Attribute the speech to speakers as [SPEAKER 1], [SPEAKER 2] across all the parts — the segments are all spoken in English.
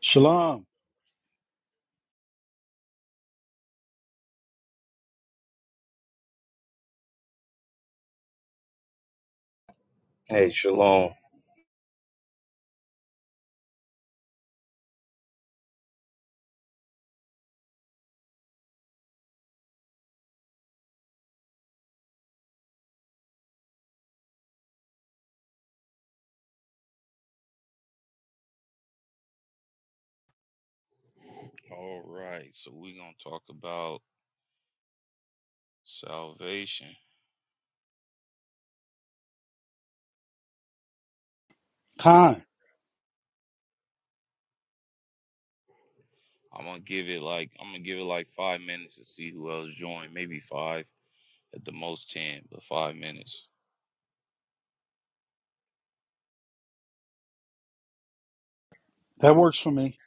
[SPEAKER 1] Shalom.
[SPEAKER 2] Hey, shalom. All right, so we're gonna talk about salvation.
[SPEAKER 1] Khan.
[SPEAKER 2] I'm gonna give it like I'm gonna give it like five minutes to see who else joined. Maybe five at the most ten, but five minutes.
[SPEAKER 1] That works for me.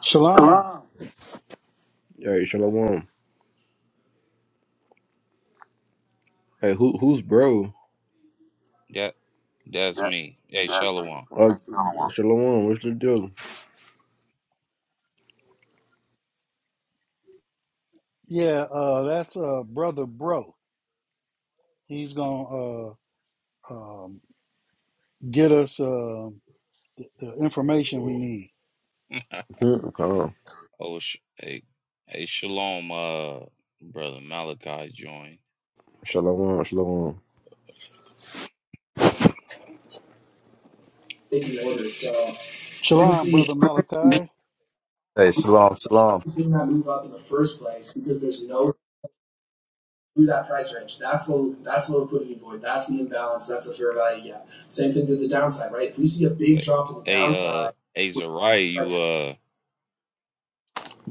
[SPEAKER 1] Shalom.
[SPEAKER 3] Hey, Shalom. Hey, who who's bro?
[SPEAKER 2] That that's me. Hey, Shalom.
[SPEAKER 3] Uh, Shalom, what's the deal?
[SPEAKER 1] Yeah, uh, that's uh, Brother Bro. He's going to uh, um, get us uh, the information we need.
[SPEAKER 3] Hmm, Calm.
[SPEAKER 2] Oh, sh- hey, hey, Shalom. Uh, brother Malachi joined.
[SPEAKER 3] Shalom, Shalom. big order. So
[SPEAKER 1] Shalom,
[SPEAKER 3] Fusi
[SPEAKER 1] Brother Malachi.
[SPEAKER 4] Hey, shalom, shalom.
[SPEAKER 3] Fusi did not move up in the first place because there's no through that price range. That's the that's the liquidity void. That's the imbalance. That's the fair value gap. Same thing to the downside, right? If we see a big
[SPEAKER 2] Wait,
[SPEAKER 3] drop to the
[SPEAKER 2] hey, uh,
[SPEAKER 3] downside,
[SPEAKER 2] hey
[SPEAKER 3] we're
[SPEAKER 2] Zariah, you
[SPEAKER 3] like,
[SPEAKER 2] uh,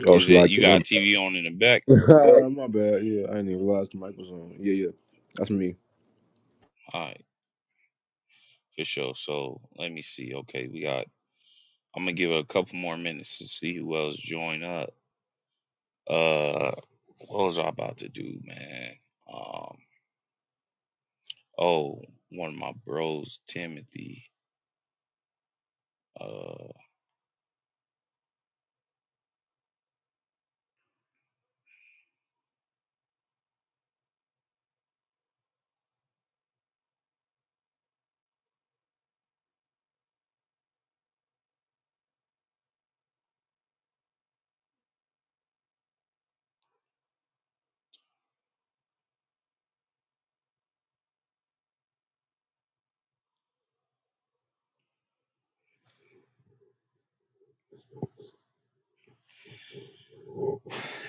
[SPEAKER 3] Oh,
[SPEAKER 2] is
[SPEAKER 3] she
[SPEAKER 2] it
[SPEAKER 3] like
[SPEAKER 2] you
[SPEAKER 3] it. My
[SPEAKER 2] got
[SPEAKER 3] bad.
[SPEAKER 2] TV on in the back?
[SPEAKER 3] my bad. Yeah, I didn't even realize the mic was on. Yeah, yeah. That's me.
[SPEAKER 2] All right, for sure. So let me see. Okay, we got. I'm gonna give it a couple more minutes to see who else join up. Uh, what was I about to do, man? Um, oh, one of my bros, Timothy. Uh,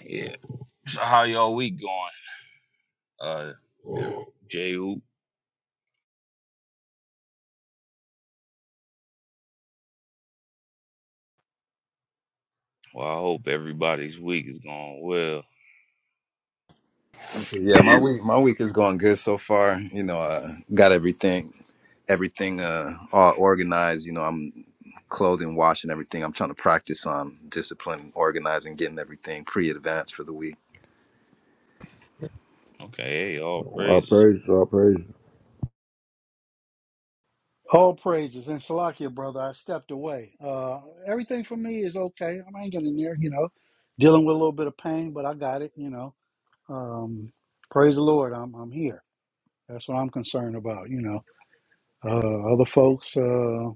[SPEAKER 2] yeah. So how y'all week going? Uh, oh. J Hoop. Well, I hope everybody's week is going well.
[SPEAKER 4] Yeah, my week, my week is going good so far. You know, uh, got everything, everything uh, all organized. You know, I'm clothing, washing everything. I'm trying to practice on discipline, organizing, getting everything pre-advanced for the week.
[SPEAKER 2] Okay, hey, all
[SPEAKER 3] I
[SPEAKER 2] praises.
[SPEAKER 3] praise you. I praise
[SPEAKER 1] All praises. And Salakia, brother, I stepped away. Uh, everything for me is okay. I'm hanging in there, you know, dealing with a little bit of pain, but I got it, you know. Um, praise the Lord, I'm, I'm here. That's what I'm concerned about, you know. Uh, other folks, uh,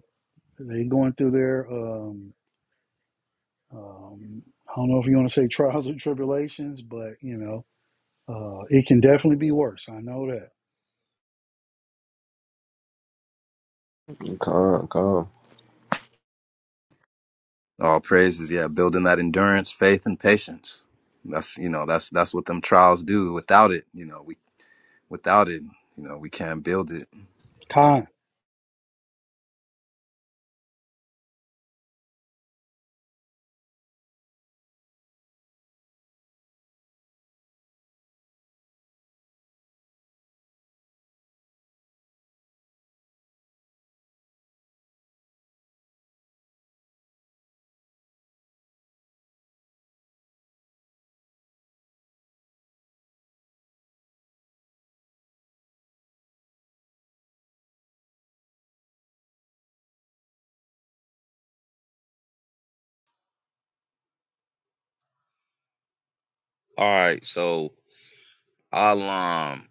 [SPEAKER 1] they going through their um, Um, I don't know if you want to say trials and tribulations, but you know, uh, it can definitely be worse. I know that.
[SPEAKER 3] you. Calm, calm.
[SPEAKER 4] All praises, yeah. Building that endurance, faith, and patience. That's you know, that's that's what them trials do. Without it, you know, we without it, you know, we can't build it.
[SPEAKER 1] Khan,
[SPEAKER 2] All right, so I'll um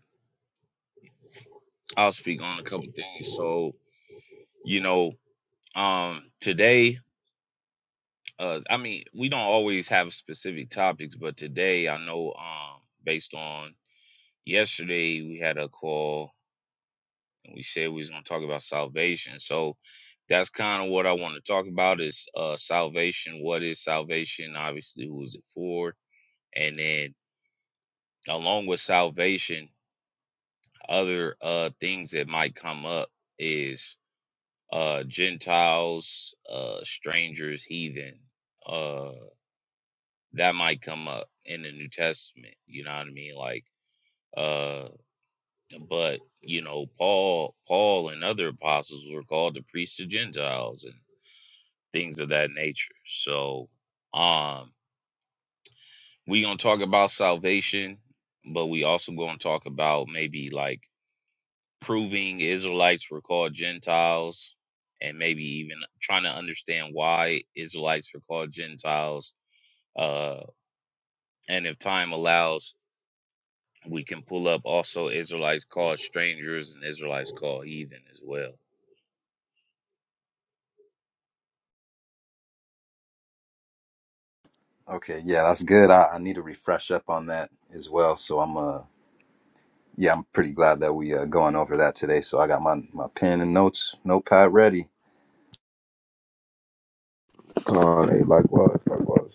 [SPEAKER 2] I'll speak on a couple things. So you know um today uh i mean we don't always have specific topics but today i know um based on yesterday we had a call and we said we was going to talk about salvation so that's kind of what i want to talk about is uh salvation what is salvation obviously who is it for and then along with salvation other uh things that might come up is uh gentiles uh strangers heathen uh, that might come up in the New Testament. You know what I mean? Like, uh, but you know, Paul, Paul, and other apostles were called the priests of Gentiles and things of that nature. So, um, we gonna talk about salvation, but we also gonna talk about maybe like proving Israelites were called Gentiles. And maybe even trying to understand why Israelites were called Gentiles. Uh, and if time allows, We can pull up also Israelites called strangers and Israelites called heathen as well.
[SPEAKER 4] Okay, yeah, that's good. I, I need to refresh up on that as well. So I'm uh Yeah, I'm pretty glad that we uh, going over that today. So I got my my pen and notes notepad ready.
[SPEAKER 3] Con, they likewise, likewise.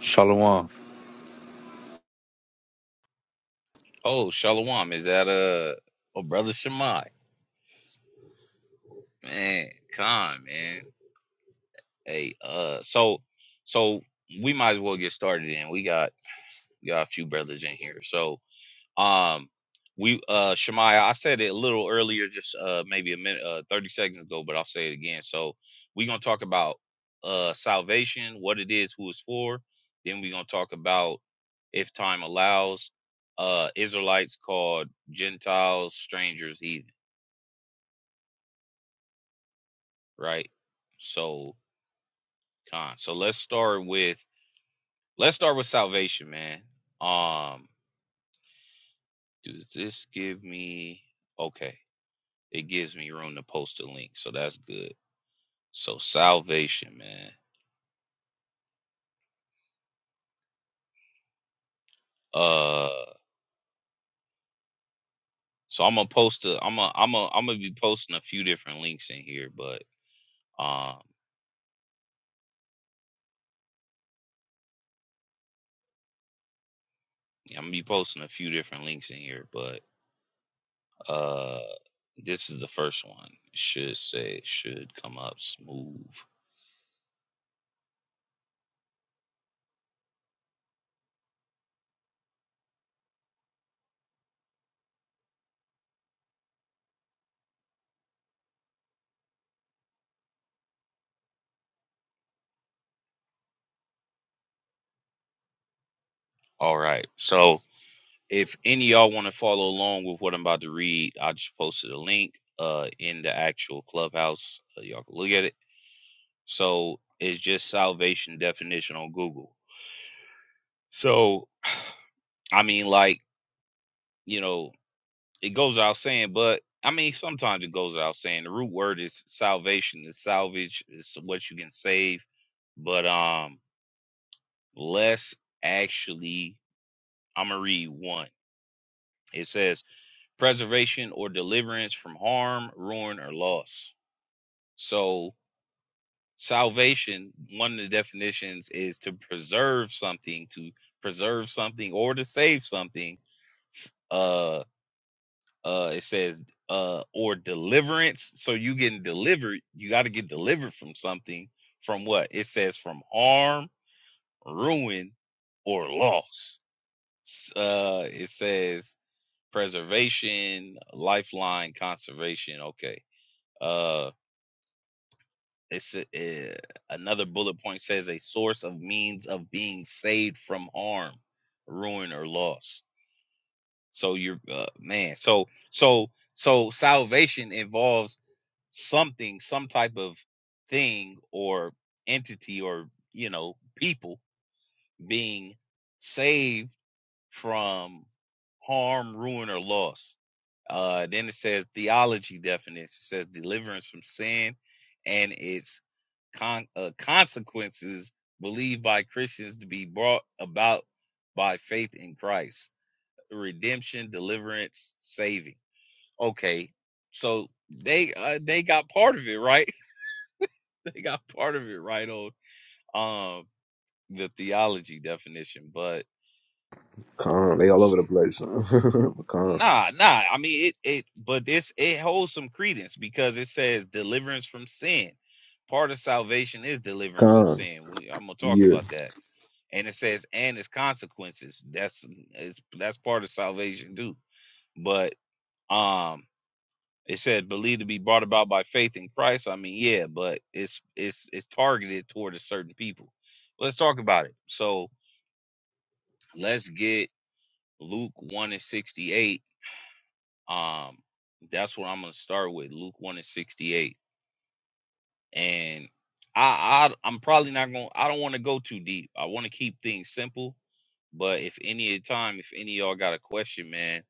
[SPEAKER 5] Shalom.
[SPEAKER 2] Oh, Shalom, is that uh oh brother Shemai? Man, con man. Hey, uh so so we might as well get started in. We got we got a few brothers in here. So Um, we uh Shemaya, I said it a little earlier, just uh maybe a minute, uh 30 seconds ago, but I'll say it again. So we're gonna talk about uh salvation, what it is, who it's for. Then we're gonna talk about if time allows, uh Israelites called Gentiles, strangers, heathen, right? So con. So let's start with let's start with salvation, man. Um, does this give me okay. It gives me room to post a link, so that's good. So salvation, man. Uh so I'm gonna post a I'm a I'm a I'm gonna be posting a few different links in here, but um yeah, I'm gonna be posting a few different links in here, but uh this is the first one. It should say should come up smooth. All right. So if any of y'all want to follow along with what I'm about to read, I just posted a link uh in the actual clubhouse. Uh, y'all can look at it. So it's just salvation definition on Google. So I mean, like you know, it goes without saying, but I mean, sometimes it goes without saying. The root word is salvation, is salvage, is what you can save. But um, let's actually, I'm gonna read one. It says preservation or deliverance from harm, ruin, or loss. So salvation, one of the definitions is to preserve something, to preserve something or to save something uh Uh, it says uh, or deliverance. So you getting delivered. You got to get delivered from something. From what? It says from harm, ruin, or loss. Uh, it says preservation, lifeline, conservation. Okay. Uh, it's uh, another bullet point says a source of means of being saved from harm, ruin, or loss. So you're uh, man. So so so salvation involves something, some type of thing or entity or, you know, people being saved from harm, ruin, or loss. Uh, then it says theology definition it says deliverance from sin and its con- uh, consequences believed by Christians to be brought about by faith in Christ. Redemption, deliverance, saving. Okay, so they uh, they got part of it right they got part of it right on um the theology definition, but
[SPEAKER 3] Con, they all
[SPEAKER 2] s-
[SPEAKER 3] over the place. huh? Con,
[SPEAKER 2] nah, nah. I mean it it but this it holds some credence because it says deliverance from sin. Part of salvation is deliverance from
[SPEAKER 3] con,
[SPEAKER 2] sin. We, I'm gonna talk
[SPEAKER 3] yeah.
[SPEAKER 2] about that. And it says and its consequences. That's is that's part of salvation too. But um it said believe to be brought about by faith in Christ. I mean, yeah, but it's it's it's targeted toward a certain people. Let's talk about it. So Let's get Luke 1 and 68. Um, that's what I'm gonna start with. Luke 1 and 68. And I, I I'm probably not gonna I don't want to go too deep. I want to keep things simple. But if any of the time, if any of y'all got a question, man,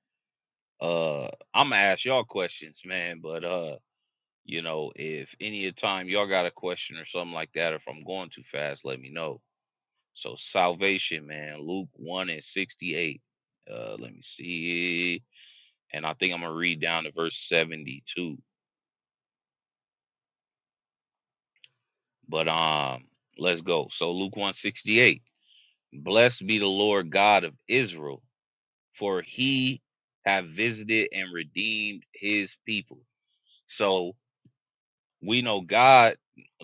[SPEAKER 2] uh I'm gonna ask y'all questions, man. But uh, you know, if any of the time y'all got a question or something like that, or if I'm going too fast, let me know. So salvation, man, Luke 1 and 68. Uh let me see. and I think I'm gonna read down to verse 72. But um, let's go. So Luke 168. Blessed be the Lord God of Israel, for he have visited and redeemed his people. So we know God,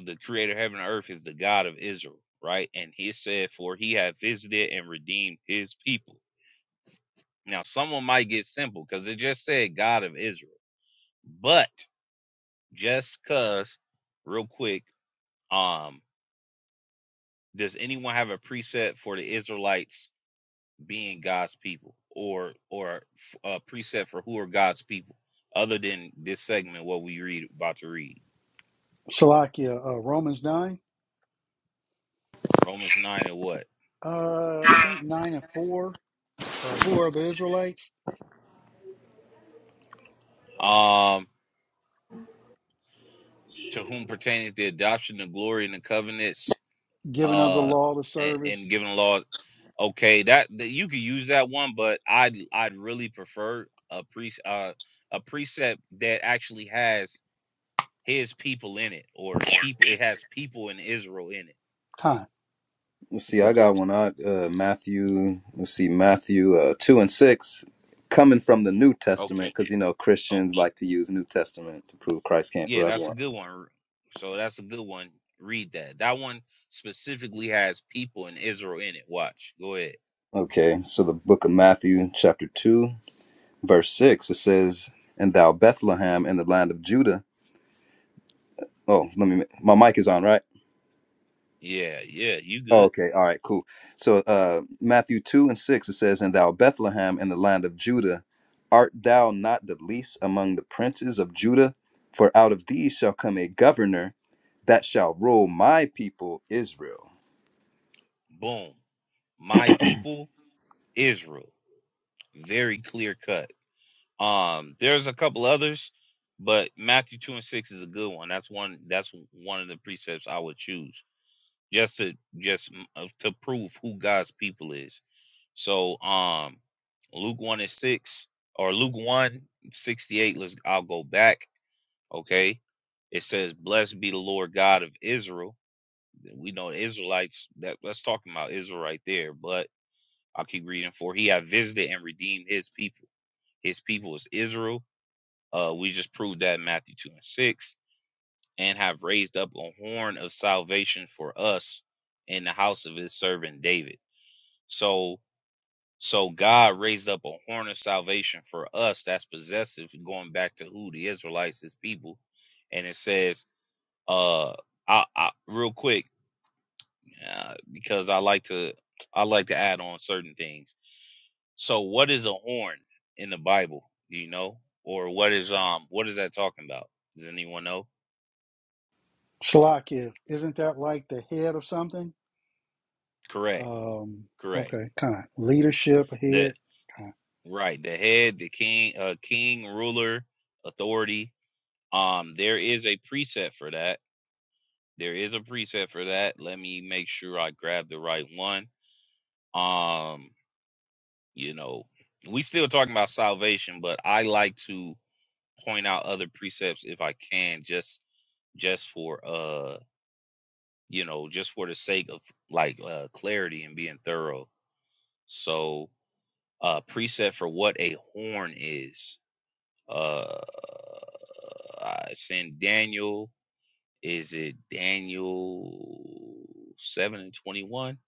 [SPEAKER 2] the creator of heaven and earth, is the God of Israel, right? And he said, For he have visited and redeemed his people. Now, someone might get simple because it just said God of Israel. But just cause, real quick, um, does anyone have a preset for the Israelites being God's people, or or a preset for who are God's people, other than this segment what we read about to read
[SPEAKER 1] Salakia, uh, Romans 9,
[SPEAKER 2] Romans nine and what
[SPEAKER 1] uh, I think 9 and 4. Uh, who are the Israelites?
[SPEAKER 2] um to whom pertains the adoption, the glory, and the covenants,
[SPEAKER 1] Giving of the
[SPEAKER 2] uh,
[SPEAKER 1] law to
[SPEAKER 2] and, and
[SPEAKER 1] service.
[SPEAKER 2] giving law. Okay, that, that you could use that one, but I'd I'd really prefer a pre uh a precept that actually has his people in it or people it has people in Israel in it
[SPEAKER 1] Khan,
[SPEAKER 4] Let's see, I got one. out uh, Matthew. Let's see, Matthew uh, two and six, coming from the New
[SPEAKER 2] Okay.
[SPEAKER 4] Testament, because you know
[SPEAKER 2] Oh,
[SPEAKER 4] Christians like to use New Testament to prove Christ came for
[SPEAKER 2] yeah, that's a
[SPEAKER 4] everyone.
[SPEAKER 2] good one. Ru- So that's a good one. Read that. That one specifically has people in Israel in it. Watch. Go ahead.
[SPEAKER 4] Okay, so the book of Matthew, chapter two, verse six, it says, "And thou Bethlehem in the land of Judah." Oh, let me. My mic is on, right?
[SPEAKER 2] Yeah, yeah, you
[SPEAKER 4] Oh,
[SPEAKER 2] good.
[SPEAKER 4] okay. All right. Cool. So uh, Matthew 2 and 6, it says, And thou, Bethlehem, in the land of Judah, art thou not the least among the princes of Judah? For out of thee shall come a governor that shall rule my people Israel.
[SPEAKER 2] Boom. My people, Israel. Very clear cut. Um, there's a couple others, but Matthew two and six is a good one. That's one. That's one of the precepts I would choose just to just mm, uh, to prove who God's people is. So um Luke 1 and 6 or Luke one sixty-eight, let's I'll go back. Okay. It says, Blessed be the Lord God of Israel. We know the Israelites, that that's talking about Israel right there, but I'll keep reading for he had visited and redeemed his people. His people is Israel. Uh we just proved that in Matthew 2 and 6, and have raised up a horn of salvation for us in the house of his servant David. So So God raised up a horn of salvation for us that's possessive, going back to who the Israelites, his people. And it says, uh, I, I real quick, uh, because I like to, I like to add on certain things. So what is a horn in the Bible? Do you know? Or what is, um, what is that talking about? Does anyone know?
[SPEAKER 1] Salakia, isn't that like the head of something?
[SPEAKER 2] Correct.
[SPEAKER 1] Um,
[SPEAKER 2] Correct.
[SPEAKER 1] okay, Khan, leadership,
[SPEAKER 2] The,
[SPEAKER 1] head. Khan.
[SPEAKER 2] right. The head, the king, uh, king, ruler, authority. Um, there is a precept for that there is a preset for that. Let me make sure I grab the right one. Um, you know, we still talking about salvation, but I like to point out other precepts if I can, just just for uh, you know, just for the sake of like uh clarity and being thorough. So, uh, preset for what a horn is. Uh, it's in Daniel. Is it Daniel seven and twenty one?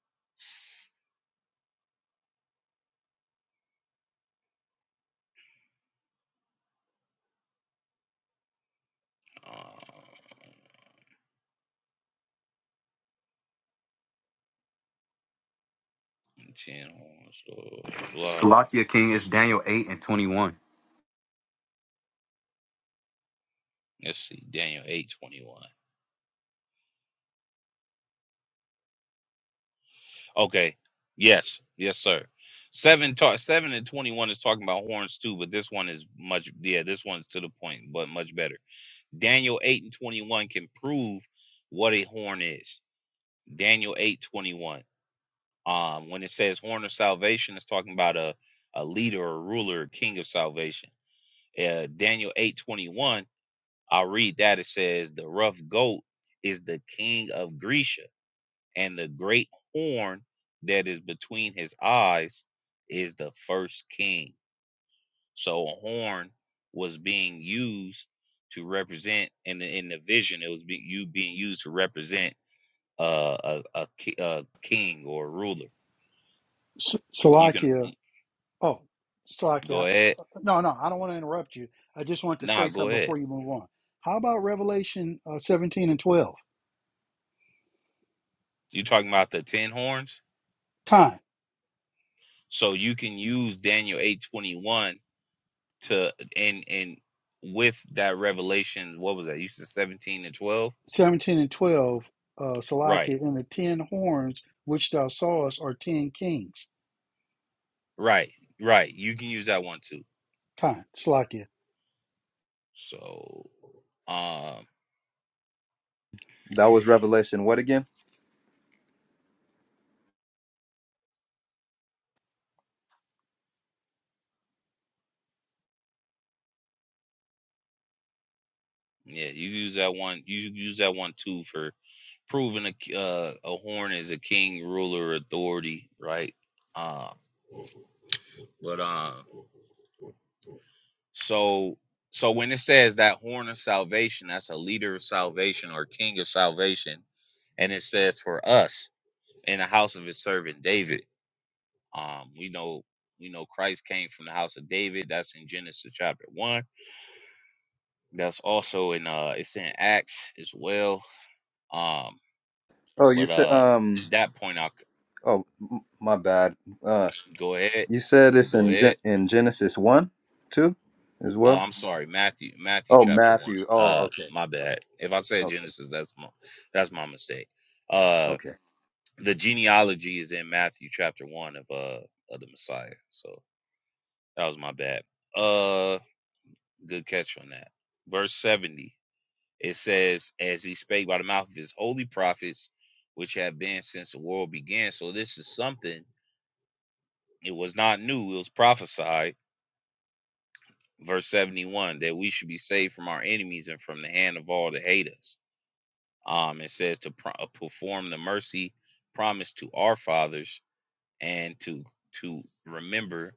[SPEAKER 2] 10 horns, blah, blah.
[SPEAKER 5] Slovakia King is Daniel 8 and 21.
[SPEAKER 2] Let's see, Daniel 8 21. Okay, yes, yes, sir. Seven, ta- seven and 21 is talking about horns too, but this one is much, yeah, this one's to the point, but much better. Daniel 8 and 21 can prove what a horn is. Daniel 8 21. Um, when it says horn of salvation, it's talking about a, a leader, a ruler, a king of salvation. Uh, Daniel 8 21. I'll read that. It says, The rough goat is the king of Grisha, and the great horn that is between his eyes is the first king. So a horn was being used to represent in the, in the vision, it was be, you being used to represent uh, a, a, a king or a ruler.
[SPEAKER 1] S-
[SPEAKER 2] You can
[SPEAKER 1] Salakia, Oh,
[SPEAKER 2] go
[SPEAKER 1] Slovakia.
[SPEAKER 2] ahead.
[SPEAKER 1] No, no, I don't want to interrupt you. I just want to
[SPEAKER 2] Nah,
[SPEAKER 1] say
[SPEAKER 2] go
[SPEAKER 1] something
[SPEAKER 2] ahead.
[SPEAKER 1] before you move on. How about Revelation uh, 17 and 12?
[SPEAKER 2] you are talking about the 10 horns.
[SPEAKER 1] Time
[SPEAKER 2] So you can use Daniel 8:21 to and and with that revelation, what was that? You said seventeen and twelve,
[SPEAKER 1] 17 and 12, uh,
[SPEAKER 2] right?
[SPEAKER 1] Salakia, and the ten horns which thou sawest are ten kings.
[SPEAKER 2] Right, right. You can use that one too.
[SPEAKER 1] Time, Salakia.
[SPEAKER 2] So, um,
[SPEAKER 4] That was Revelation. What again?
[SPEAKER 2] yeah, you use that one. You use that one too for proving a uh, a horn is a king, ruler, authority, right? Um, but um, so so when it says that horn of salvation, that's a leader of salvation or king of salvation, and it says for us in the house of his servant David. Um, we know we know Christ came from the house of David. That's in Genesis chapter one. That's also in uh it's in Acts as well. Um,
[SPEAKER 4] Oh, you
[SPEAKER 2] but
[SPEAKER 4] said,
[SPEAKER 2] uh
[SPEAKER 4] um,
[SPEAKER 2] that point I'll
[SPEAKER 4] oh, m- my bad. Uh,
[SPEAKER 2] go ahead.
[SPEAKER 4] you said it's
[SPEAKER 2] Go
[SPEAKER 4] in, Gen-
[SPEAKER 2] ahead.
[SPEAKER 4] in Genesis 1, 2 as
[SPEAKER 2] Uh,
[SPEAKER 4] well?
[SPEAKER 2] I'm sorry, Matthew, Matthew
[SPEAKER 4] Oh,
[SPEAKER 2] chapter one.
[SPEAKER 4] Matthew. Oh,
[SPEAKER 2] Uh,
[SPEAKER 4] okay.
[SPEAKER 2] my bad. If I said
[SPEAKER 4] Okay.
[SPEAKER 2] Genesis, that's my that's my mistake. Uh,
[SPEAKER 4] Okay.
[SPEAKER 2] the genealogy is in Matthew chapter one of uh of the Messiah. So that was my bad. Uh, good catch on that. Verse seventy. It says, as he spake by the mouth of his holy prophets, which have been since the world began. So this is something, it was not new, it was prophesied. Verse 71 that we should be saved from our enemies and from the hand of all that hate us. Um, it says to pro- uh, perform the mercy promised to our fathers and to to remember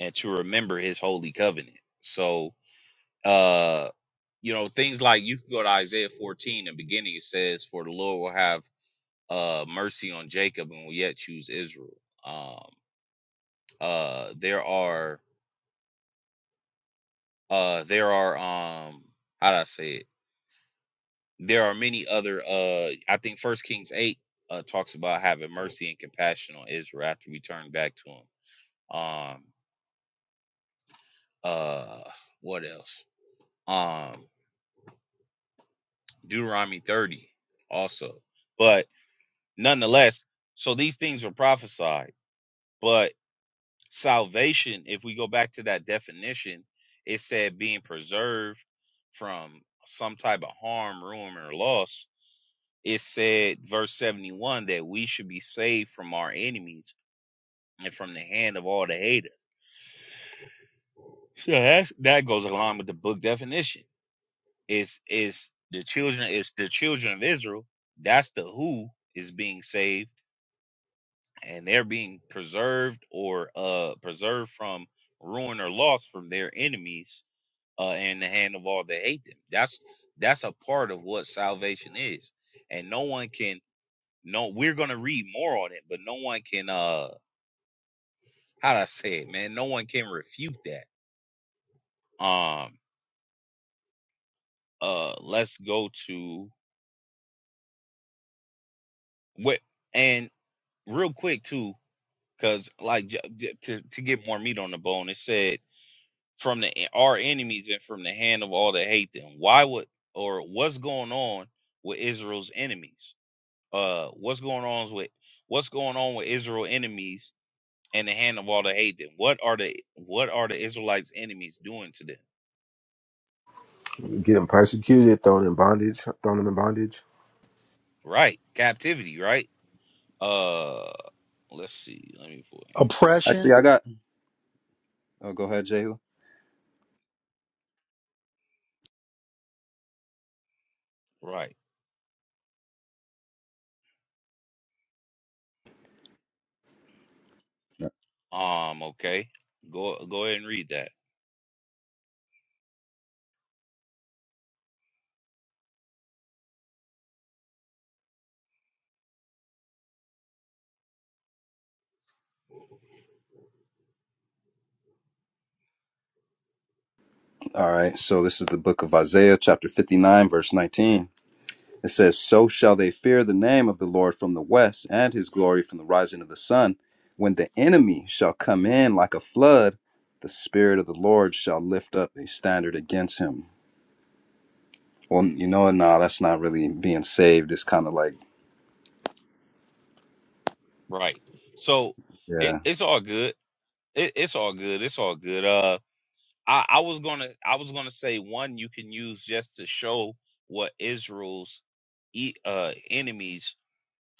[SPEAKER 2] and to remember his holy covenant. So uh you know, things like you can go to Isaiah 14 the beginning, it says, For the Lord will have uh, mercy on Jacob, and will yet choose Israel. Um, uh, there are uh, there are um, how do I say it? There are many other. Uh, I think First Kings eight uh, talks about having mercy and compassion on Israel after we turn back to him. Um, uh, what else? Um, Deuteronomy thirty also, but nonetheless, so these things were prophesied, but salvation, if we go back to that definition, it said being preserved from some type of harm, ruin, or loss. It said, verse 71, that we should be saved from our enemies and from the hand of all the haters. So that's, that goes along with the book definition. Is is the children is the children of Israel. That's the who is being saved, and they're being preserved or uh preserved from ruin or loss from their enemies uh, in the hand of all that hate them. That's that's a part of what salvation is, and no one can. No, we're gonna read more on it, but no one can. Uh, how do I say it, man? No one can refute that. Um, uh, let's go to what and real quick too, because like j- j- to to get more meat on the bone, it said from the our enemies and from the hand of all that hate them. Why would or what's going on with Israel's enemies? uh what's going on with what's going on with Israel enemies and the hand of all that hate them? What are the what are the Israelites enemies doing to them?
[SPEAKER 3] Getting persecuted, thrown in bondage, thrown them in bondage.
[SPEAKER 2] Right. Captivity, right? Uh let's see. Let me pull
[SPEAKER 1] Oppression,
[SPEAKER 4] Actually, I got, oh, go ahead, Jehu.
[SPEAKER 2] in. Right. Um, okay. Go go ahead and read that.
[SPEAKER 4] All right, so this is the book of Isaiah, chapter 59, verse 19. It says, So shall they fear the name of the Lord from the west, and his glory from the rising of the sun. When the enemy shall come in like a flood, the Spirit of the Lord shall lift up a standard against him. Well, you know what? Nah, that's not really being saved. It's kind of like,
[SPEAKER 2] Right. So it,
[SPEAKER 4] yeah.
[SPEAKER 2] it's all good. It, it's all good. It's all good. Uh I, I was gonna I was gonna say one you can use just to show what Israel's e- uh enemies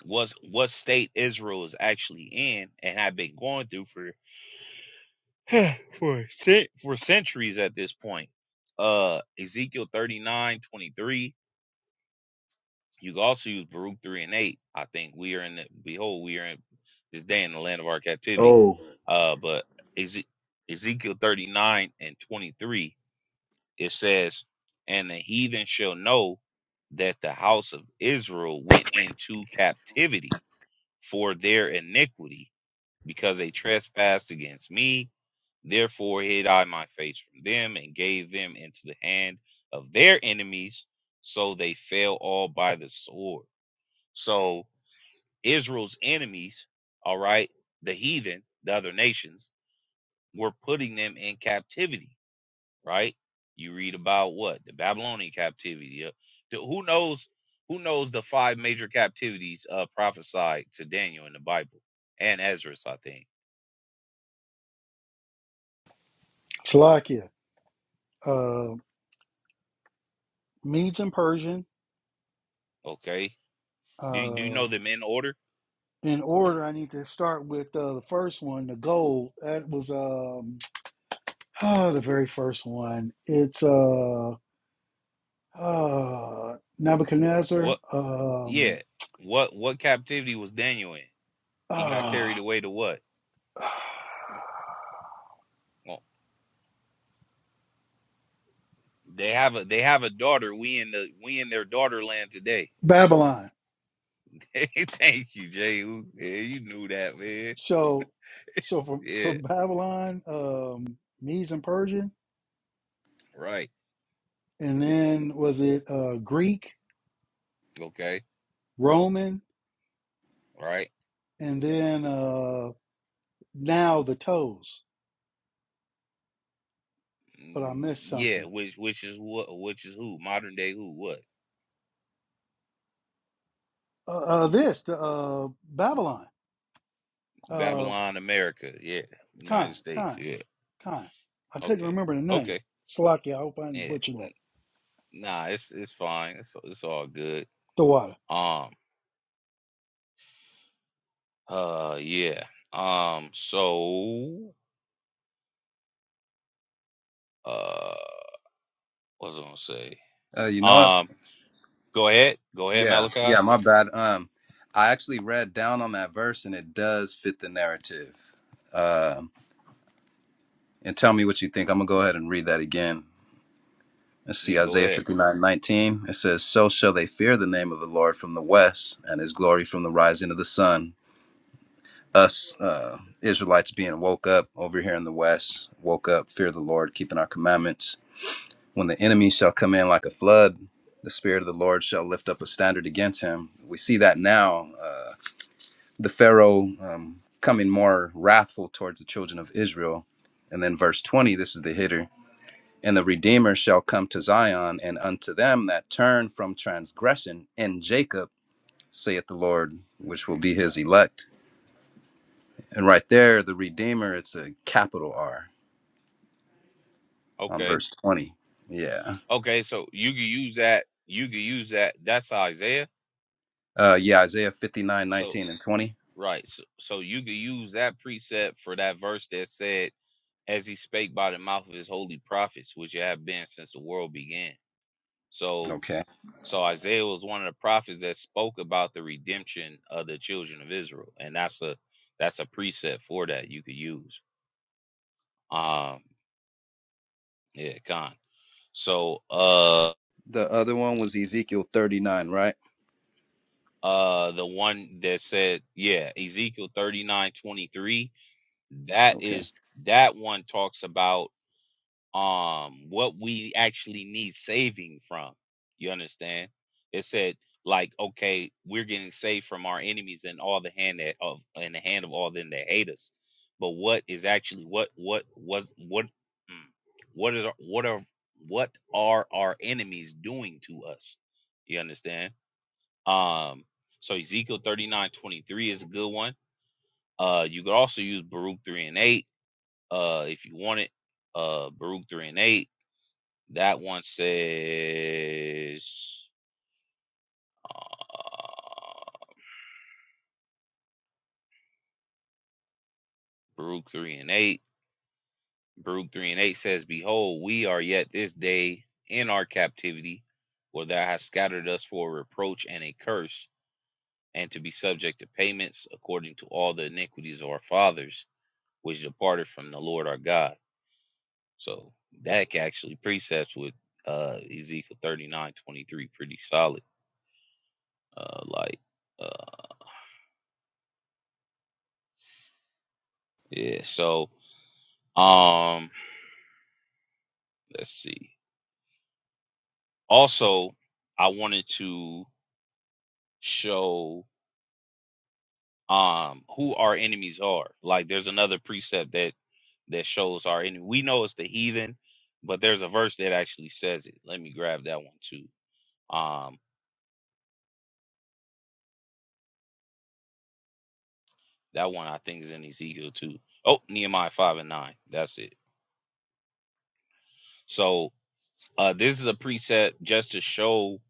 [SPEAKER 2] was what state Israel is actually in and have been going through for for cen- for centuries at this point. Uh Ezekiel 39 23. You can also use Baruch 3 and 8. I think we are in the behold, we are in this day in the land of our captivity.
[SPEAKER 4] Oh,
[SPEAKER 2] Uh but Eze- Ezekiel 39 and 23, it says, And the heathen shall know that the house of Israel went into captivity for their iniquity because they trespassed against me. Therefore hid I my face from them and gave them into the hand of their enemies, so they fell all by the sword. So Israel's enemies, all right, the heathen, the other nations, were putting them in captivity, right? You read about what? The Babylonian captivity. uh, the- who knows who knows the five major captivities uh prophesied to Daniel in the Bible and Ezra, I think.
[SPEAKER 1] Salakia. Uh, Medes and Persian.
[SPEAKER 2] Okay Do you, do you
[SPEAKER 1] Uh,
[SPEAKER 2] know them in order?
[SPEAKER 1] in order, I need to start with uh, the first one, the gold. That was um, ah, the very first one. It's. Uh, uh, Nebuchadnezzar,
[SPEAKER 2] What?
[SPEAKER 1] um,
[SPEAKER 2] Yeah. What what captivity was Daniel in? He got
[SPEAKER 1] uh,
[SPEAKER 2] carried away to what? Well, they have a they have a daughter. We in the we in their daughter land today.
[SPEAKER 1] Babylon.
[SPEAKER 2] Thank you, Jay. Who- Yeah, you knew that, man.
[SPEAKER 1] So, so from
[SPEAKER 2] Yeah.
[SPEAKER 1] from Babylon, um, Medes and Persian,
[SPEAKER 2] Right.
[SPEAKER 1] and then was it uh, Greek,
[SPEAKER 2] Okay.
[SPEAKER 1] Roman,
[SPEAKER 2] Right.
[SPEAKER 1] and then uh, now the toes. But I
[SPEAKER 2] Mm,
[SPEAKER 1] missed
[SPEAKER 2] yeah.
[SPEAKER 1] something.
[SPEAKER 2] Which which is what? Which is who? Modern day who? What?
[SPEAKER 1] Uh, uh, this the uh, Babylon, uh,
[SPEAKER 2] Babylon, America. Yeah.
[SPEAKER 1] Khan,
[SPEAKER 2] United States.
[SPEAKER 1] Khan,
[SPEAKER 2] Yeah.
[SPEAKER 1] Khan. I couldn't
[SPEAKER 2] Okay.
[SPEAKER 1] remember the name.
[SPEAKER 2] Okay.
[SPEAKER 1] Slocky, I hope I didn't
[SPEAKER 2] Yeah.
[SPEAKER 1] butcher that.
[SPEAKER 2] Nah. It's it's fine. It's it's all good.
[SPEAKER 1] The water.
[SPEAKER 2] Um, Uh, yeah. Um, so, uh, what was I gonna say?
[SPEAKER 4] Uh, you know what?
[SPEAKER 2] Um, go ahead, go ahead,
[SPEAKER 4] Yeah,
[SPEAKER 2] Malachi.
[SPEAKER 4] yeah, my bad. Um, I actually read down on that verse, and it does fit the narrative. Uh, and tell me what you think. I'm gonna go ahead and read that again. Let's
[SPEAKER 2] Yeah,
[SPEAKER 4] see
[SPEAKER 2] go
[SPEAKER 4] Isaiah
[SPEAKER 2] ahead.
[SPEAKER 4] 59:19. It says, So shall they fear the name of the Lord from the west, and his glory from the rising of the sun. Us uh, Israelites being woke up over here in the west, woke up, fear the Lord, keeping our commandments. When the enemy shall come in like a flood, the spirit of the Lord shall lift up a standard against him. We see that now, uh, the Pharaoh um, coming more wrathful towards the children of Israel. And then verse 20, this is the hitter. And the Redeemer shall come to Zion, and unto them that turn from transgression in Jacob, saith the Lord, which will be his elect. And right there, the Redeemer, it's a capital R on
[SPEAKER 2] Okay,
[SPEAKER 4] verse 20. Yeah.
[SPEAKER 2] okay. So you can use that. You can use that. That's Isaiah.
[SPEAKER 4] Uh, yeah, Isaiah 59,
[SPEAKER 2] So
[SPEAKER 4] 19, and 20.
[SPEAKER 2] right. So, so you can use that precept for that verse that said, "As he spake by the mouth of his holy prophets, which have been since the world began." So
[SPEAKER 4] Okay.
[SPEAKER 2] So Isaiah was one of the prophets that spoke about the redemption of the children of Israel, and that's a that's a preset for that you could use. Um, yeah, con. So uh
[SPEAKER 4] The other one was Ezekiel 39, right?
[SPEAKER 2] uh the one that said yeah ezekiel thirty nine twenty three that
[SPEAKER 4] Okay.
[SPEAKER 2] is that one talks about um what we actually need saving from you understand it said like okay we're getting saved from our enemies and all the hand that of in the hand of all them that hate us but what is actually what what was what mm, what is our- what are what are our enemies doing to us you understand um so ezekiel 39 23 is a good one uh you could also use baruch 3 and 8 uh if you want it uh baruch 3 and 8 that one says uh, Baruch 3 and 8. Baruch 3 and 8 says, Behold, we are yet this day in our captivity, for thou hast scattered us for a reproach and a curse, and to be subject to payments according to all the iniquities of our fathers, which departed from the Lord our God. So that actually precepts with uh, Ezekiel 39 23 pretty solid. Uh, like, uh, yeah, so um, let's see. Also, I wanted to show um who our enemies are. Like there's another precept that that shows our enemy. We know it's the heathen, but there's a verse that actually says it. Let me grab that one too. Um that one I think is in Ezekiel too. Oh, Nehemiah 5 and 9. That's it. So uh this is a precept just to show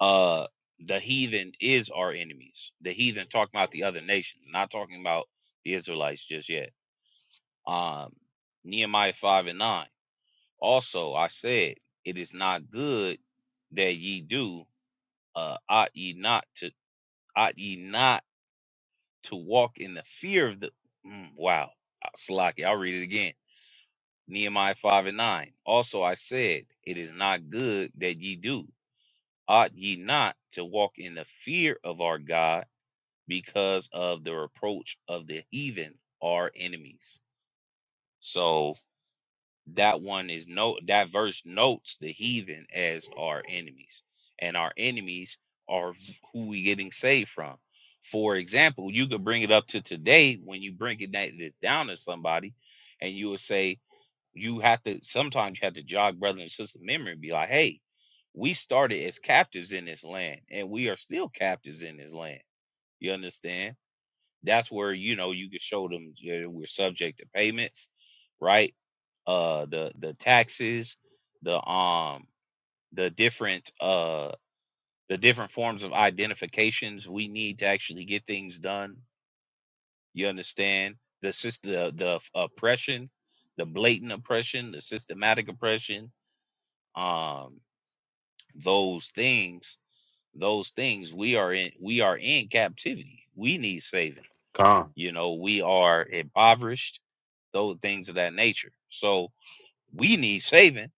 [SPEAKER 2] uh the heathen is our enemies. The heathen talking about the other nations, not talking about the Israelites just yet. Um, Nehemiah 5 and 9. Also, I said, it is not good that ye do, uh, ought ye not to, ought ye not to walk in the fear of the, mm, wow, Uh, Salaki, I'll read it again. Nehemiah 5 and 9. Also, I said, it is not good that ye do, ought ye not to walk in the fear of our God because of the reproach of the heathen, our enemies. So, that one is no that verse notes the heathen as our enemies and our enemies are who we getting saved from for example you could bring it up to today when you bring it that it down to somebody and you will say you have to sometimes you have to jog brother and sister memory and be like hey we started as captives in this land and we are still captives in this land you understand that's where you know you can show them yeah, we're subject to payments, right? Uh, the the taxes, the um the different uh the different forms of identifications we need to actually get things done. You understand the sys- the the oppression, the blatant oppression, the systematic oppression. Um, those things, those things we are in we are in captivity. We need saving.
[SPEAKER 5] Khan.
[SPEAKER 2] You know, we are impoverished those things of that nature. So we need saving.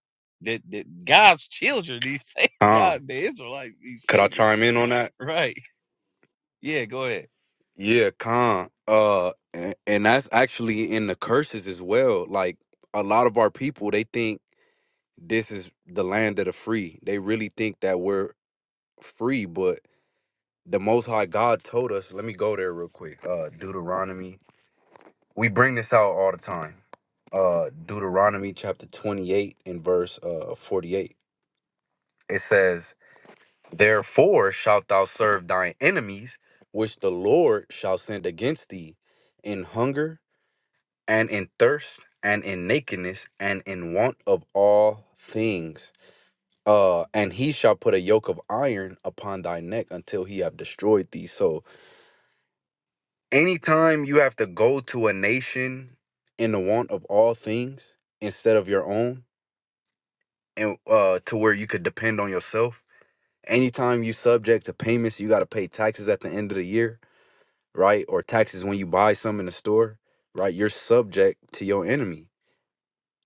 [SPEAKER 2] That, that God's children need saving.
[SPEAKER 5] Khan.
[SPEAKER 2] God, the Israelites need
[SPEAKER 5] Could I
[SPEAKER 2] saving.
[SPEAKER 5] chime in on that?
[SPEAKER 2] Right. Yeah, go ahead.
[SPEAKER 5] Yeah, Khan. Uh and, and that's actually in the curses as well. Like a lot of our people, they think this is the land of the free. They really think that we're free, but the most high God told us, let me go there real quick. Uh Deuteronomy. We bring this out all the time. Uh Deuteronomy chapter 28 and verse uh 48. It says Therefore shalt thou serve thine enemies, which the Lord shall send against thee, in hunger, and in thirst, and in nakedness, and in want of all things. Uh, and he shall put a yoke of iron upon thy neck until he have destroyed thee. So, anytime you have to go to a nation in the want of all things instead of your own, and uh, to where you could depend on yourself, anytime you subject to payments, you got to pay taxes at the end of the year right? Or taxes when you buy some in the store, right? You're subject to your enemy.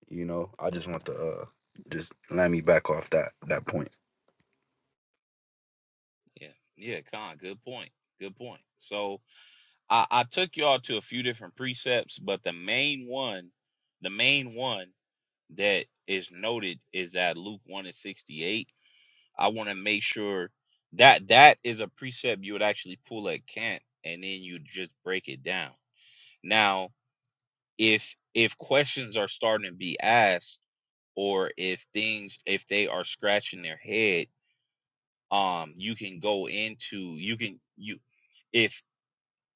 [SPEAKER 5] You know, I just want to uh just let me back off that that point.
[SPEAKER 2] Yeah. Yeah, Con, good point. Good point. So I, I took y'all to a few different precepts, but the main one, the main one that is noted is at Luke 1 and 68. I want to make sure that that is a precept you would actually pull at camp and then you just break it down. Now, if if questions are starting to be asked or if things if they are scratching their head um you can go into you can you if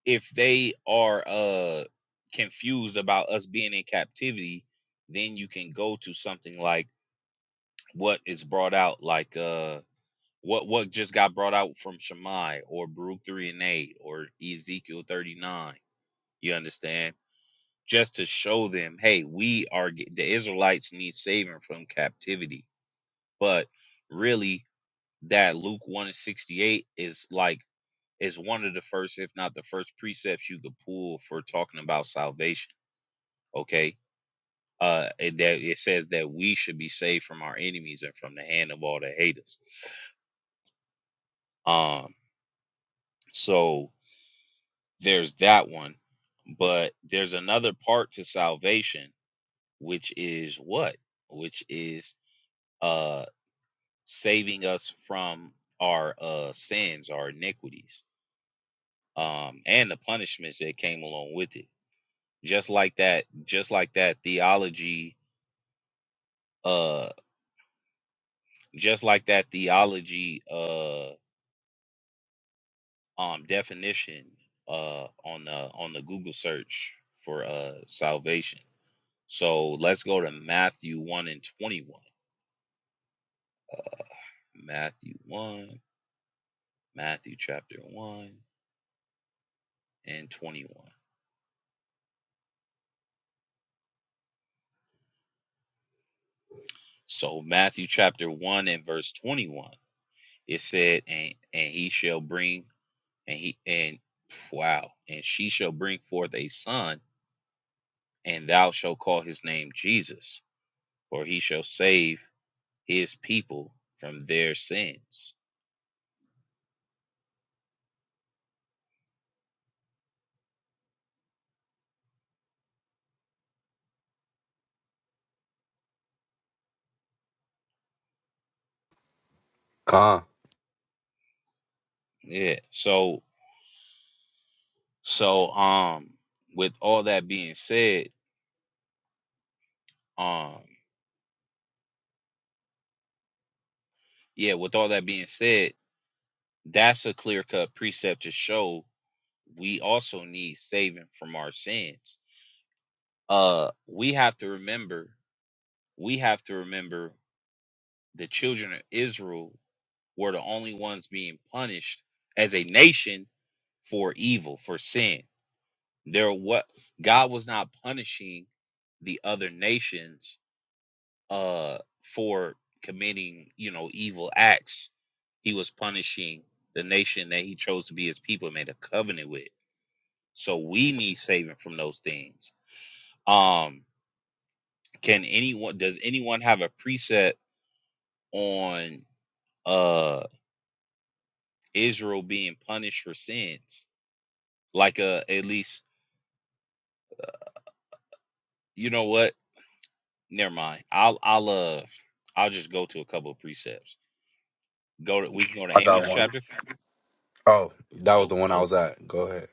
[SPEAKER 2] if they are uh confused about us being in captivity then you can go to something like what is brought out like uh what what just got brought out from Shammai or Baruch 3 and 8 or Ezekiel 39 you understand just to show them, hey, we are the Israelites need saving from captivity. But really, that Luke 1 and 68 is like is one of the first, if not the first precepts you could pull for talking about salvation. Okay. Uh it, that it says that we should be saved from our enemies and from the hand of all that hate us. Um, so there's that one, but there's another part to salvation, which is what? Which is uh saving us from our uh, sins, our iniquities, um, and the punishments that came along with it. Just like that, just like that theology, uh, just like that theology uh, um, definition uh, on the on the Google search for uh, salvation. So let's go to Matthew one and twenty one. Matthew one, Matthew chapter one and twenty one. So Matthew chapter 1 and verse 21. It said, and and he shall bring and he and wow, and she shall bring forth a son, and thou shalt call his name Jesus, for he shall save his people from their sins.
[SPEAKER 5] Khan,
[SPEAKER 2] Yeah. So so um with all that being said, um yeah, with all that being said, that's a clear cut precept to show we also need saving from our sins. Uh we have to remember we have to remember the children of Israel were the only ones being punished as a nation for evil, for sin. There what God was not punishing the other nations uh for committing, you know, evil acts. He was punishing the nation that he chose to be his people and made a covenant with. So we need saving from those things. Um can anyone does anyone have a preset on uh Israel being punished for sins? Like uh at least you know what? Never mind. I'll I'll uh I'll just go to a couple of precepts. Go to we can go to
[SPEAKER 5] I
[SPEAKER 2] Amos
[SPEAKER 5] got one.
[SPEAKER 2] chapter.
[SPEAKER 5] Oh, that was the
[SPEAKER 2] Oh,
[SPEAKER 5] one I was at. Go ahead.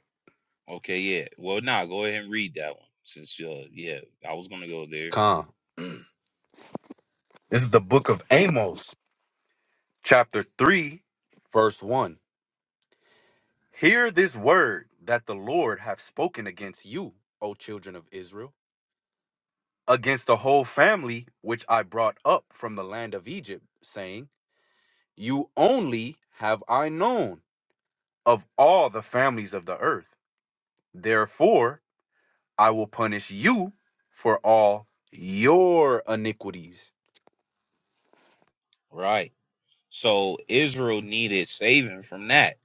[SPEAKER 2] okay, yeah. Well, nah, go ahead and read that one since uh yeah, I was gonna go there.
[SPEAKER 5] Khan. This is the book of Amos, chapter 3, verse 1. Hear this word that the Lord hath spoken against you, O children of Israel, against the whole family which I brought up from the land of Egypt, saying, You only have I known of all the families of the earth. Therefore, I will punish you for all your iniquities.
[SPEAKER 2] Right. So Israel needed saving from that,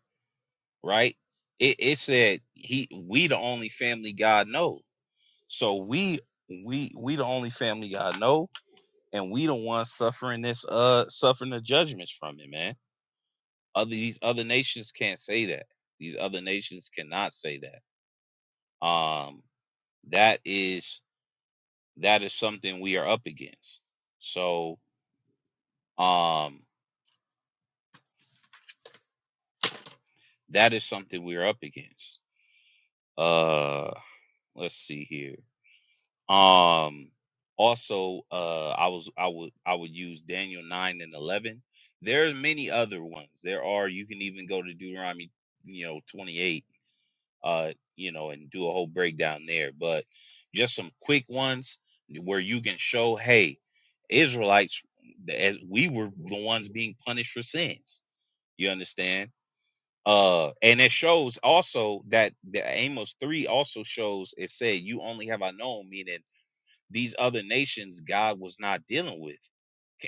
[SPEAKER 2] right? It it said he we the only family God know. So we we we the only family God know, and we the ones suffering this uh suffering the judgments from it, man Other these other nations can't say that. These other nations cannot say that. Um, that is that is something we are up against. So um, that is something we are up against. Uh, let's see here. Um, also, uh, I was I would I would use Daniel nine and eleven. There are many other ones. There are. You can even go to Deuteronomy, you know, twenty eight uh, you know, and do a whole breakdown there. But just some quick ones where you can show, hey, Israelites, as we were the ones being punished for sins. You understand? Uh, and it shows also that the Amos three also shows it said, "You only have I known," meaning these other nations God was not dealing with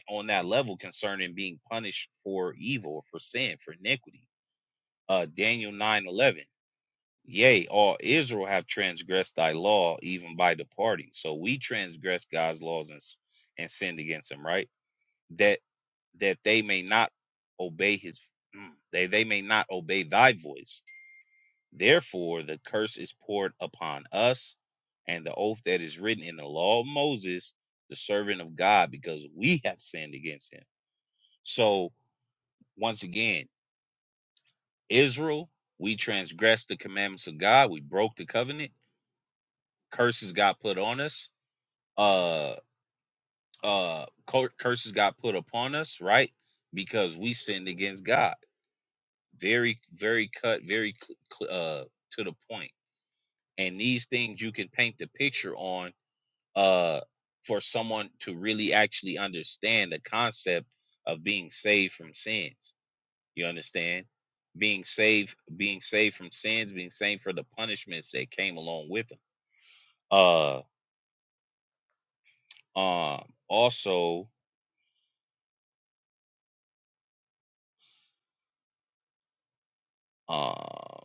[SPEAKER 2] on that level concerning being punished for evil, for sin, for iniquity. Uh, Daniel nine eleven. Yea, all Israel have transgressed thy law, even by departing. So we transgress God's laws and, and sinned against him, right? That that they may not obey his mm, they they may not obey thy voice. Therefore the curse is poured upon us, and the oath that is written in the law of Moses, the servant of God, because we have sinned against him. So once again, Israel, we transgressed the commandments of God, we broke the covenant, curses got put on us uh uh cur- curses got put upon us right because we sinned against god very very cut very cl- cl- uh to the point point. and these things you can paint the picture on uh for someone to really actually understand the concept of being saved from sins you understand being saved being saved from sins being saved for the punishments that came along with them uh um also um.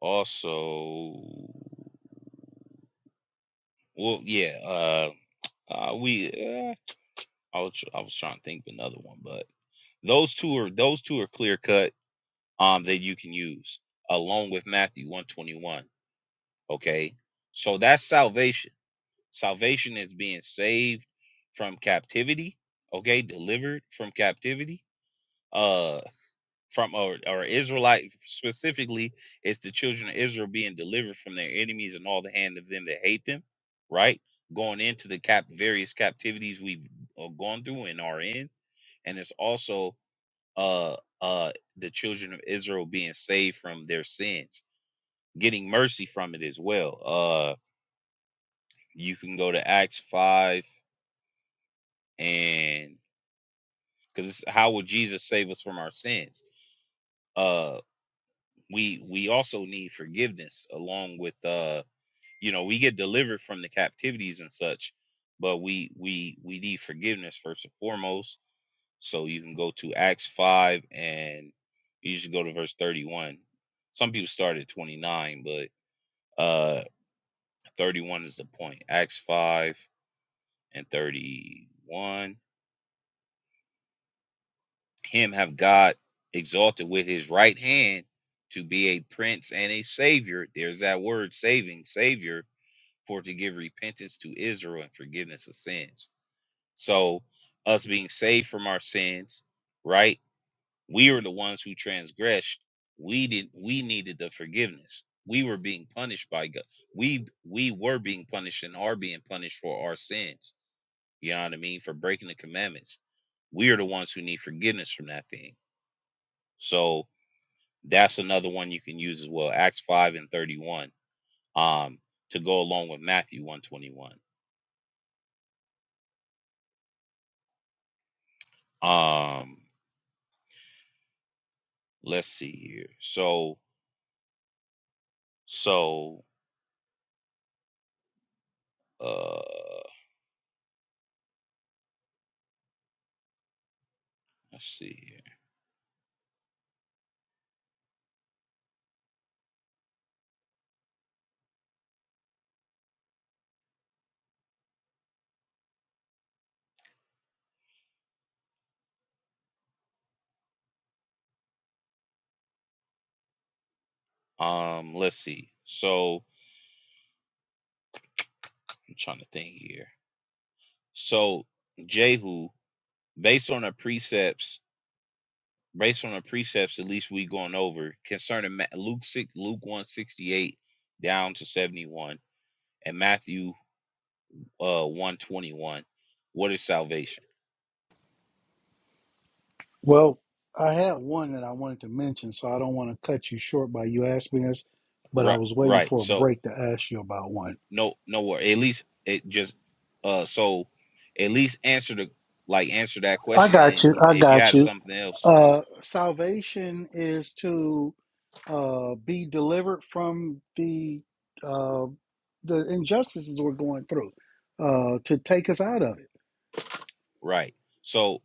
[SPEAKER 2] Also, well, yeah, uh, uh we uh, I was I was trying to think of another one, but those two are those two are clear cut. Um, that you can use along with Matthew one twenty one. Okay, so that's salvation. Salvation is being saved from captivity. Okay, delivered from captivity. Uh, from or, or Israelite specifically, it's the children of Israel being delivered from their enemies and all the hand of them that hate them, right? Going into the cap various captivities we've uh, gone through and are in, and it's also uh uh the children of Israel being saved from their sins, getting mercy from it as well. Uh, you can go to Acts five and because how would Jesus save us from our sins? Uh, we we also need forgiveness along with uh you know we get delivered from the captivities and such but we we we need forgiveness first and foremost so you can go to acts 5 and you should go to verse 31 some people start at 29 but uh 31 is the point acts 5 and 31 him have god exalted with his right hand to be a prince and a savior there's that word saving savior for to give repentance to israel and forgiveness of sins So, us being saved from our sins, right? We were the ones who transgressed. We did. We needed the forgiveness. We were being punished by God. We we were being punished and are being punished for our sins. You know what I mean? For breaking the commandments. We are the ones who need forgiveness from that thing. So that's another one you can use as well. Acts five and thirty one. Um, to go along with Matthew one twenty one. Um, let's see here. So so Uh, let's see here. Um, let's see. So I'm trying to think here. So Jehu, based on the precepts, based on the precepts, at least we going over concerning Ma- Luke six, Luke one sixty eight down to seventy one, and Matthew uh one twenty one. What is salvation?
[SPEAKER 1] Well, I had one that I wanted to mention, so I don't want to cut you short by you asking us, but I
[SPEAKER 2] Right,
[SPEAKER 1] was waiting
[SPEAKER 2] right.
[SPEAKER 1] for a
[SPEAKER 2] So
[SPEAKER 1] break to ask you about one.
[SPEAKER 2] no, no wor- At least it just uh. So at least answer the like answer that
[SPEAKER 1] I
[SPEAKER 2] question,
[SPEAKER 1] got
[SPEAKER 2] and
[SPEAKER 1] you. I
[SPEAKER 2] if you
[SPEAKER 1] got
[SPEAKER 2] had
[SPEAKER 1] you.
[SPEAKER 2] something else
[SPEAKER 1] Uh, salvation is to uh, be delivered from the uh, the injustices we're going through, uh, to take us out of it.
[SPEAKER 2] Right. So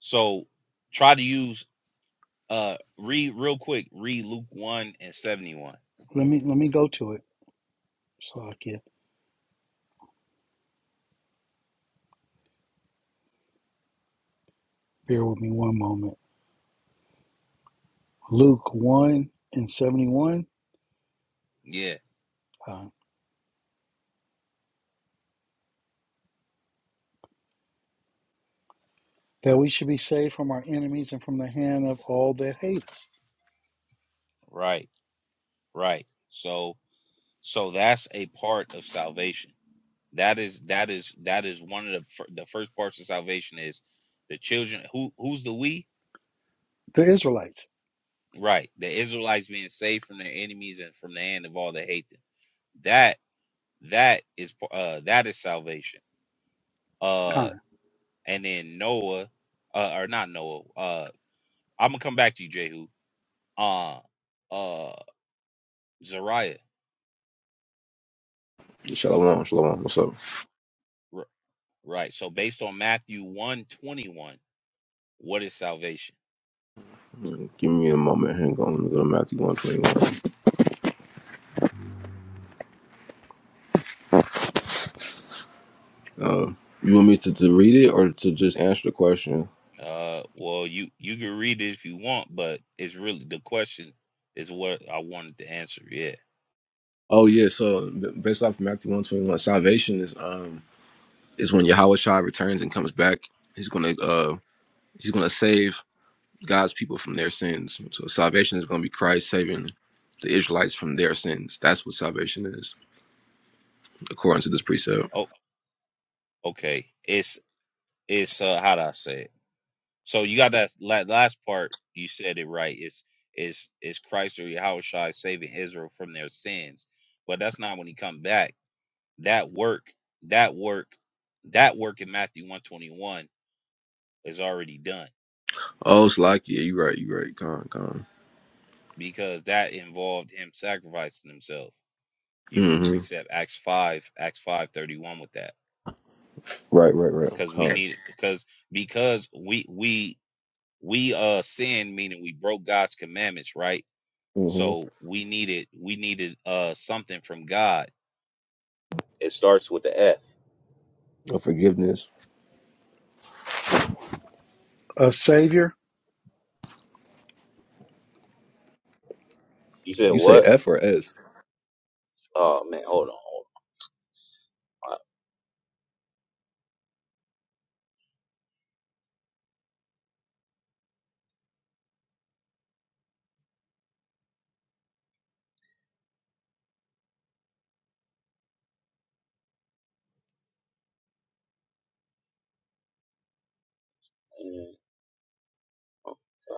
[SPEAKER 2] so try to use uh read real quick, read Luke 1 and 71.
[SPEAKER 1] Let me let me go to it so I can bear with me one moment. Luke one and seventy one.
[SPEAKER 2] Yeah,
[SPEAKER 1] that we should be saved from our enemies and from the hand of all that hate us.
[SPEAKER 2] right, right. So so that's a part of salvation. That is that is that is one of the fir- the first parts of salvation is the children who who's the we?
[SPEAKER 1] The Israelites,
[SPEAKER 2] Right. The Israelites being saved from their enemies and from the hand of all that hate them. That that is uh that is salvation. Uh
[SPEAKER 1] kind.
[SPEAKER 2] and then Noah uh or not Noah. uh. I'm gonna come back to you, Jehu. Uh, uh, Zariah.
[SPEAKER 3] Shalom, shalom. What's up?
[SPEAKER 2] R- right. So based on Matthew one twenty what is salvation?
[SPEAKER 3] Give me a moment. Hang on. Let me go to Matthew one twenty one. Um, you want me to, to read it or to just answer the question?
[SPEAKER 2] Uh, well, you you can read it if you want, but it's really the question is what I wanted to answer. Yeah.
[SPEAKER 3] Oh yeah. So b- based off Matthew one twenty one, salvation is um is when Yahweh Shai returns and comes back. He's gonna uh he's gonna save. God's people from their sins. So salvation is going to be Christ saving the Israelites from their sins. That's what salvation is, according to this precept.
[SPEAKER 2] Oh, okay. It's it's uh how do I say it? So you got that la- last part. You said it right. It's it's it's Christ or Yahushua saving Israel from their sins? But that's not when he come back That work, that work, that work in Matthew 121 is already done
[SPEAKER 3] Oh, Slack, yeah, you're right, you're right. Con, con.
[SPEAKER 2] because that involved him sacrificing himself. You could
[SPEAKER 3] Mm-hmm.
[SPEAKER 2] precept Acts 5, Acts 531 with that.
[SPEAKER 3] Right, right, right.
[SPEAKER 2] Because we
[SPEAKER 3] Con.
[SPEAKER 2] need because because we we we uh sinned, meaning we broke God's commandments, right?
[SPEAKER 3] Mm-hmm.
[SPEAKER 2] So we needed we needed uh something from God. It starts with the F.
[SPEAKER 3] Forgiveness.
[SPEAKER 1] A Savior.
[SPEAKER 2] You said
[SPEAKER 3] You say
[SPEAKER 2] what?
[SPEAKER 3] F or S?
[SPEAKER 2] Oh man, hold on, hold on.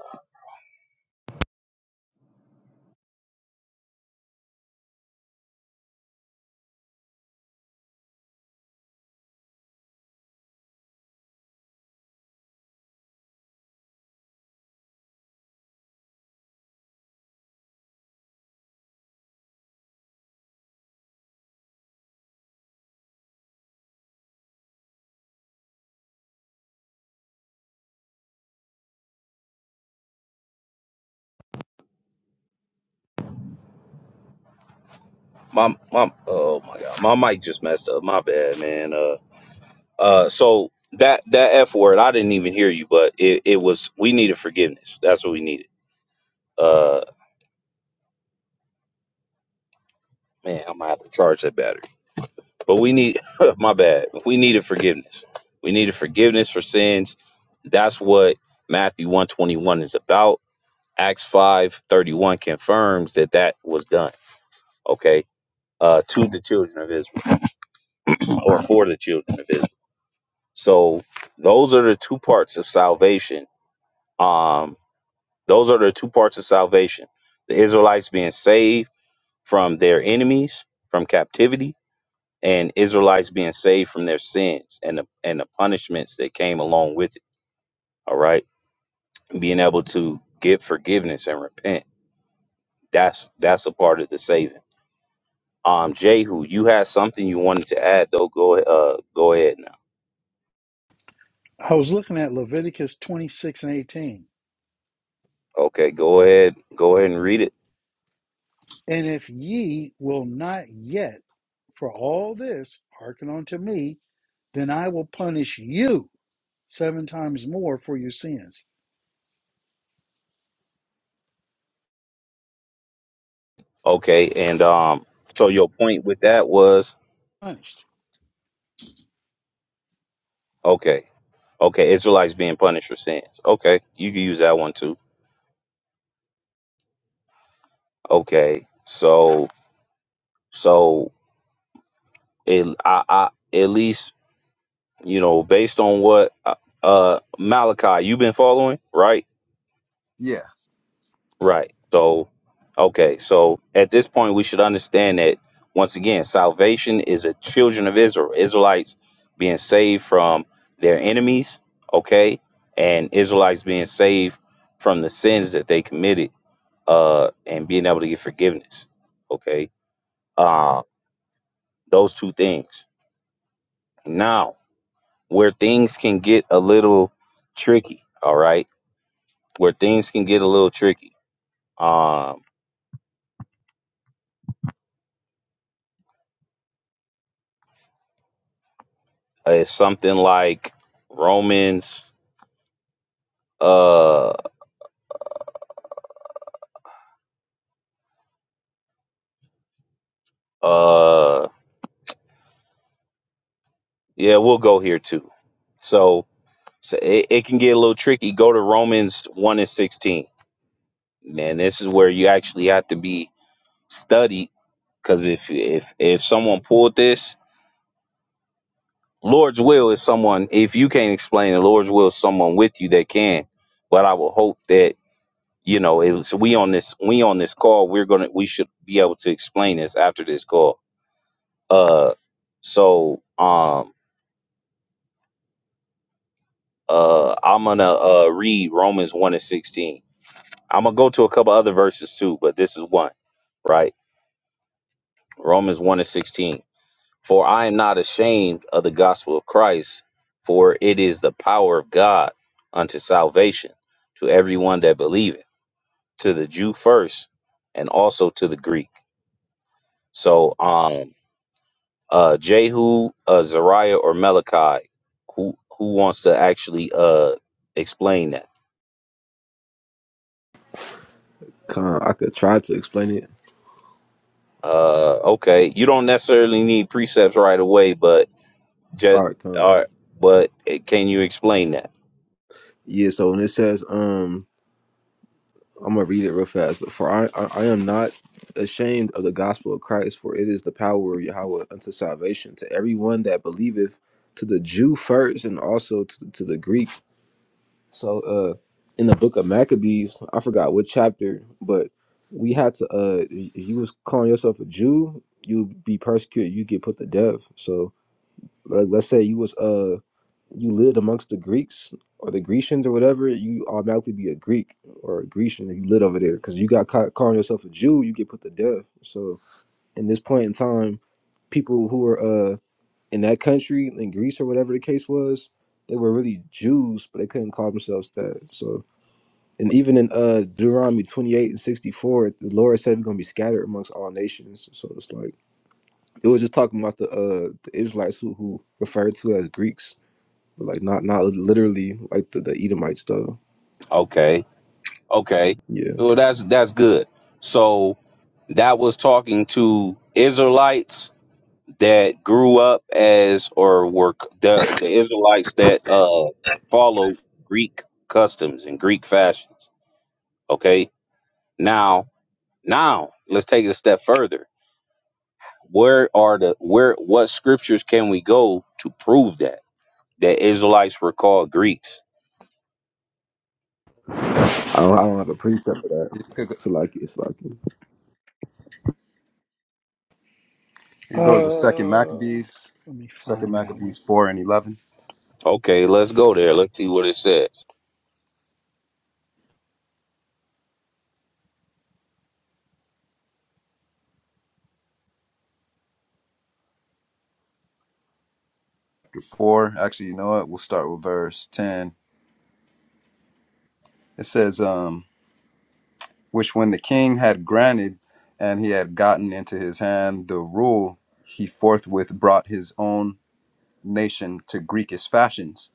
[SPEAKER 2] my my oh my god my mic just messed up my bad man uh uh so that that f word i didn't even hear you but it, it was we needed forgiveness that's what we needed uh man i'm gonna have to charge that battery but we need my bad we needed forgiveness we needed forgiveness for sins that's what matthew 121 is about acts 5 31 confirms that that was done okay uh to the children of israel or for the children of israel So those are the two parts of salvation. Um, those are the two parts of salvation. The Israelites being saved from their enemies, from captivity, and Israelites being saved from their sins and the and the punishments that came along with it. All right. Being able to get forgiveness and repent. That's that's a part of the saving. Um, Jehu, you had something you wanted to add though. Go uh go ahead now.
[SPEAKER 1] I was looking at Leviticus 26 and 18.
[SPEAKER 2] Okay, go ahead. Go ahead and read it.
[SPEAKER 1] And if ye will not yet for all this hearken unto me, then I will punish you seven times more for your sins.
[SPEAKER 2] Okay, and um, so your point with that was
[SPEAKER 1] Punished.
[SPEAKER 2] okay, okay, Israelites being punished for sins. Okay, you can use that one too. Okay, so so it, I, I at least you know based on what uh uh, Malachi you've been following, right?
[SPEAKER 4] Yeah.
[SPEAKER 2] Right. So, okay. So at this point, we should understand that once again, salvation is a children of Israel, Israelites being saved from their enemies. Okay, and Israelites being saved from the sins that they committed, uh, and being able to get forgiveness. Okay, uh, those two things. Now, where things can get a little tricky. All right, where things can get a little tricky. um. Uh, It's something like Romans. Uh, uh, yeah, we'll go here too. So, so it, it can get a little tricky. Go to Romans one and sixteen, and this is where you actually have to be studied. Because if if if someone pulled this, Lord's will is someone. If you can't explain it, Lord's will is someone with you that can. But I will hope that you know it's we on this we on this call. We're gonna we should be able to explain this after this call Uh, so um, uh, I'm gonna uh, read Romans one and sixteen. I'm gonna go to a couple other verses too, but this is one, right? Romans one and sixteen. For I am not ashamed of the gospel of Christ, for it is the power of God unto salvation to everyone that believeth, to the Jew first, and also to the Greek. So um, uh, Jehu, uh, Zariah, or Malachi? Who who wants to actually uh, explain that?
[SPEAKER 3] Con. I could try to explain it.
[SPEAKER 2] Uh, okay, you don't necessarily need precepts right away, but
[SPEAKER 3] All
[SPEAKER 2] just
[SPEAKER 3] right, con.
[SPEAKER 2] all right, but eh, can you explain that?
[SPEAKER 3] Yeah, so when it says, um, I'm gonna read it real fast. For I, I, I am not ashamed of the gospel of Christ, for it is the power of Yahweh unto salvation to everyone that believeth, to the Jew first, and also to, to the Greek. So, uh, in the book of Maccabees, I forgot what chapter, but we had to. Uh, if you was calling yourself a Jew, you'd be persecuted. You get put to death. So, like, let's say you was uh you lived amongst the Greeks or the Grecians or whatever, you automatically be a Greek or a Grecian if you lived over there. Because you got caught calling yourself a Jew, you get put to death. So in this point in time, people who were uh in that country in Greece or whatever the case was, they were really Jews, but they couldn't call themselves that. So and even in uh Deuteronomy twenty eight and sixty four, the Lord said we're gonna be scattered amongst all nations. So it's like it was just talking about the uh the Israelites who who referred to as Greeks but like not not literally like the, the Edomite stuff.
[SPEAKER 2] Okay, okay.
[SPEAKER 3] Yeah,
[SPEAKER 2] Well, that's that's good. So that was talking to Israelites that grew up as or were c- the the Israelites that uh followed Greek customs and Greek fashions. Okay, Now, now let's take it a step further. Where are the where what scriptures can we go to prove that? The Israelites were called Greeks.
[SPEAKER 3] I don't, I don't have a precept for that.
[SPEAKER 4] You could go,
[SPEAKER 3] So like it's like
[SPEAKER 4] you could go to the second
[SPEAKER 1] Uh,
[SPEAKER 4] Maccabees,
[SPEAKER 1] let me
[SPEAKER 4] second
[SPEAKER 1] find that one.
[SPEAKER 4] Maccabees 4 and 11.
[SPEAKER 2] Okay, let's go there. Let's see what it says.
[SPEAKER 4] 4, actually, you know what? We'll start with verse 10. It says, um, which when the king had granted and he had gotten into his hand the rule, he forthwith brought his own nation to Greekish fashions,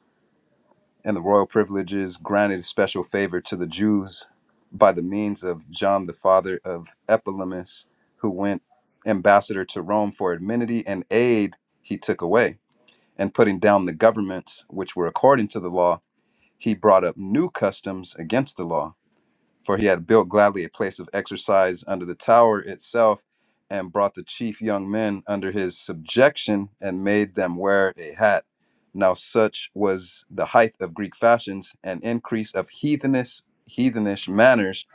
[SPEAKER 4] and the royal privileges granted special favor to the Jews by the means of John the father of Epilemius, who went ambassador to Rome for amenity and aid he took away. And putting down the governments which were according to the law, he brought up new customs against the law for he had built gladly a place of exercise under the tower itself, and brought the chief young men under his subjection, and made them wear a hat. Now such was the height of Greek fashions, and increase of heathenish, heathenish manners,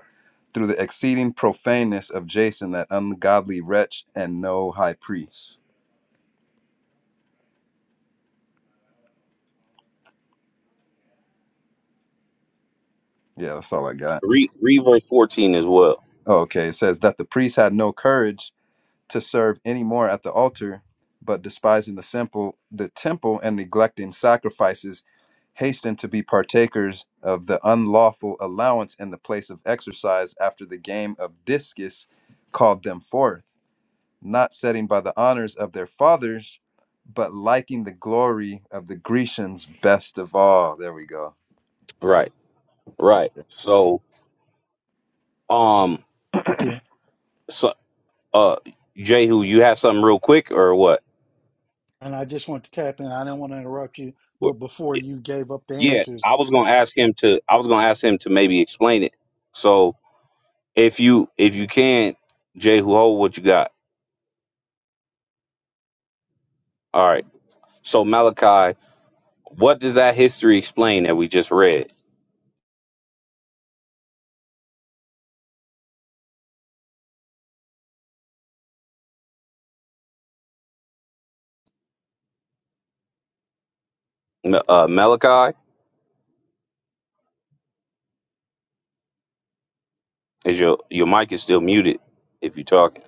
[SPEAKER 4] through the exceeding profaneness of Jason, that ungodly wretch, and no high priest. Yeah, that's all I got.
[SPEAKER 2] Read read verse 14 as well.
[SPEAKER 4] Oh, okay, it says that the priest had no courage to serve any more at the altar, but despising the simple the temple and neglecting sacrifices, hasten to be partakers of the unlawful allowance in the place of exercise after the game of discus called them forth, not setting by the honors of their fathers, but liking the glory of the Grecians best of all. There we go.
[SPEAKER 2] Right. Right. So um
[SPEAKER 1] I can. not
[SPEAKER 2] so uh Jehu, you have something real quick or what?
[SPEAKER 1] And I just want to tap in. I didn't want to interrupt you, but
[SPEAKER 2] Wh-
[SPEAKER 1] before you gave up the
[SPEAKER 2] Yeah,
[SPEAKER 1] answers,
[SPEAKER 2] I was gonna ask him to I was gonna ask him to maybe explain it. So if you if you can, Jehu, hold what you got. All right. So Malachi What does that history explain that we just read? M- Uh, Malachi, is your your mic is still muted if you're talking.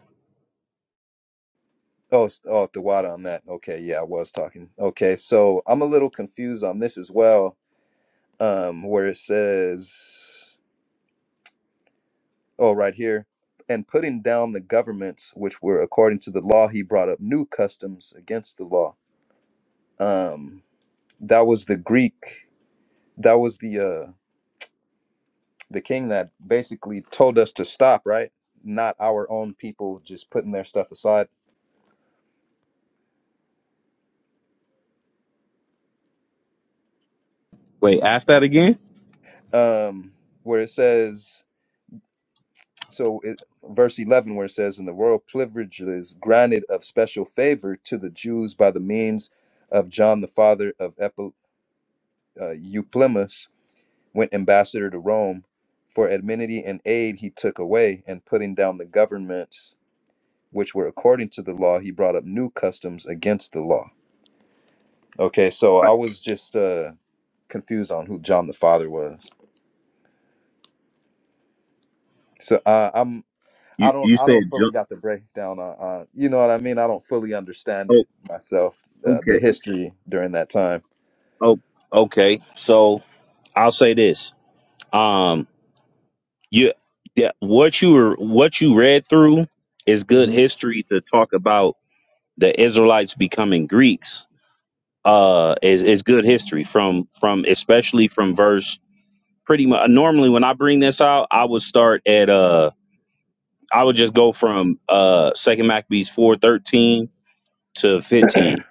[SPEAKER 4] Oh, s- oh, the water on that. Okay, yeah, I was talking. Okay, so I'm a little confused on this as well um, where it says, oh, right here, and putting down the governments which were according to the law, he brought up new customs against the law. Um, that was the Greek. That was the uh, the king that basically told us to stop, right? Not our own people just putting their stuff aside.
[SPEAKER 2] Wait, ask that again.
[SPEAKER 4] Um, where it says, so it, verse 11, where it says, and the royal privileges granted of special favor to the Jews by the means of John the father of uh, Euplimus went ambassador to Rome, for amenity and aid he took away, and putting down the governments which were according to the law, he brought up new customs against the law. Okay, so I was just uh, confused on who John the Father was. So uh, I'm I
[SPEAKER 2] You
[SPEAKER 4] don't
[SPEAKER 2] you
[SPEAKER 4] I
[SPEAKER 2] said
[SPEAKER 4] don't fully
[SPEAKER 2] jump.
[SPEAKER 4] got the breakdown. Uh, uh, you know what I mean? I don't fully understand
[SPEAKER 2] Oh,
[SPEAKER 4] it myself. Uh, the
[SPEAKER 2] okay.
[SPEAKER 4] history during that time.
[SPEAKER 2] Oh, okay. So I'll say this. Um, you yeah, what you were what you read through is good
[SPEAKER 4] hmm
[SPEAKER 2] history to talk about the Israelites becoming Greeks. Uh, is is good history from from especially from verse pretty much. Normally, when I bring this out, I would start at uh. I would just go from uh Second Maccabees four thirteen to fifteen.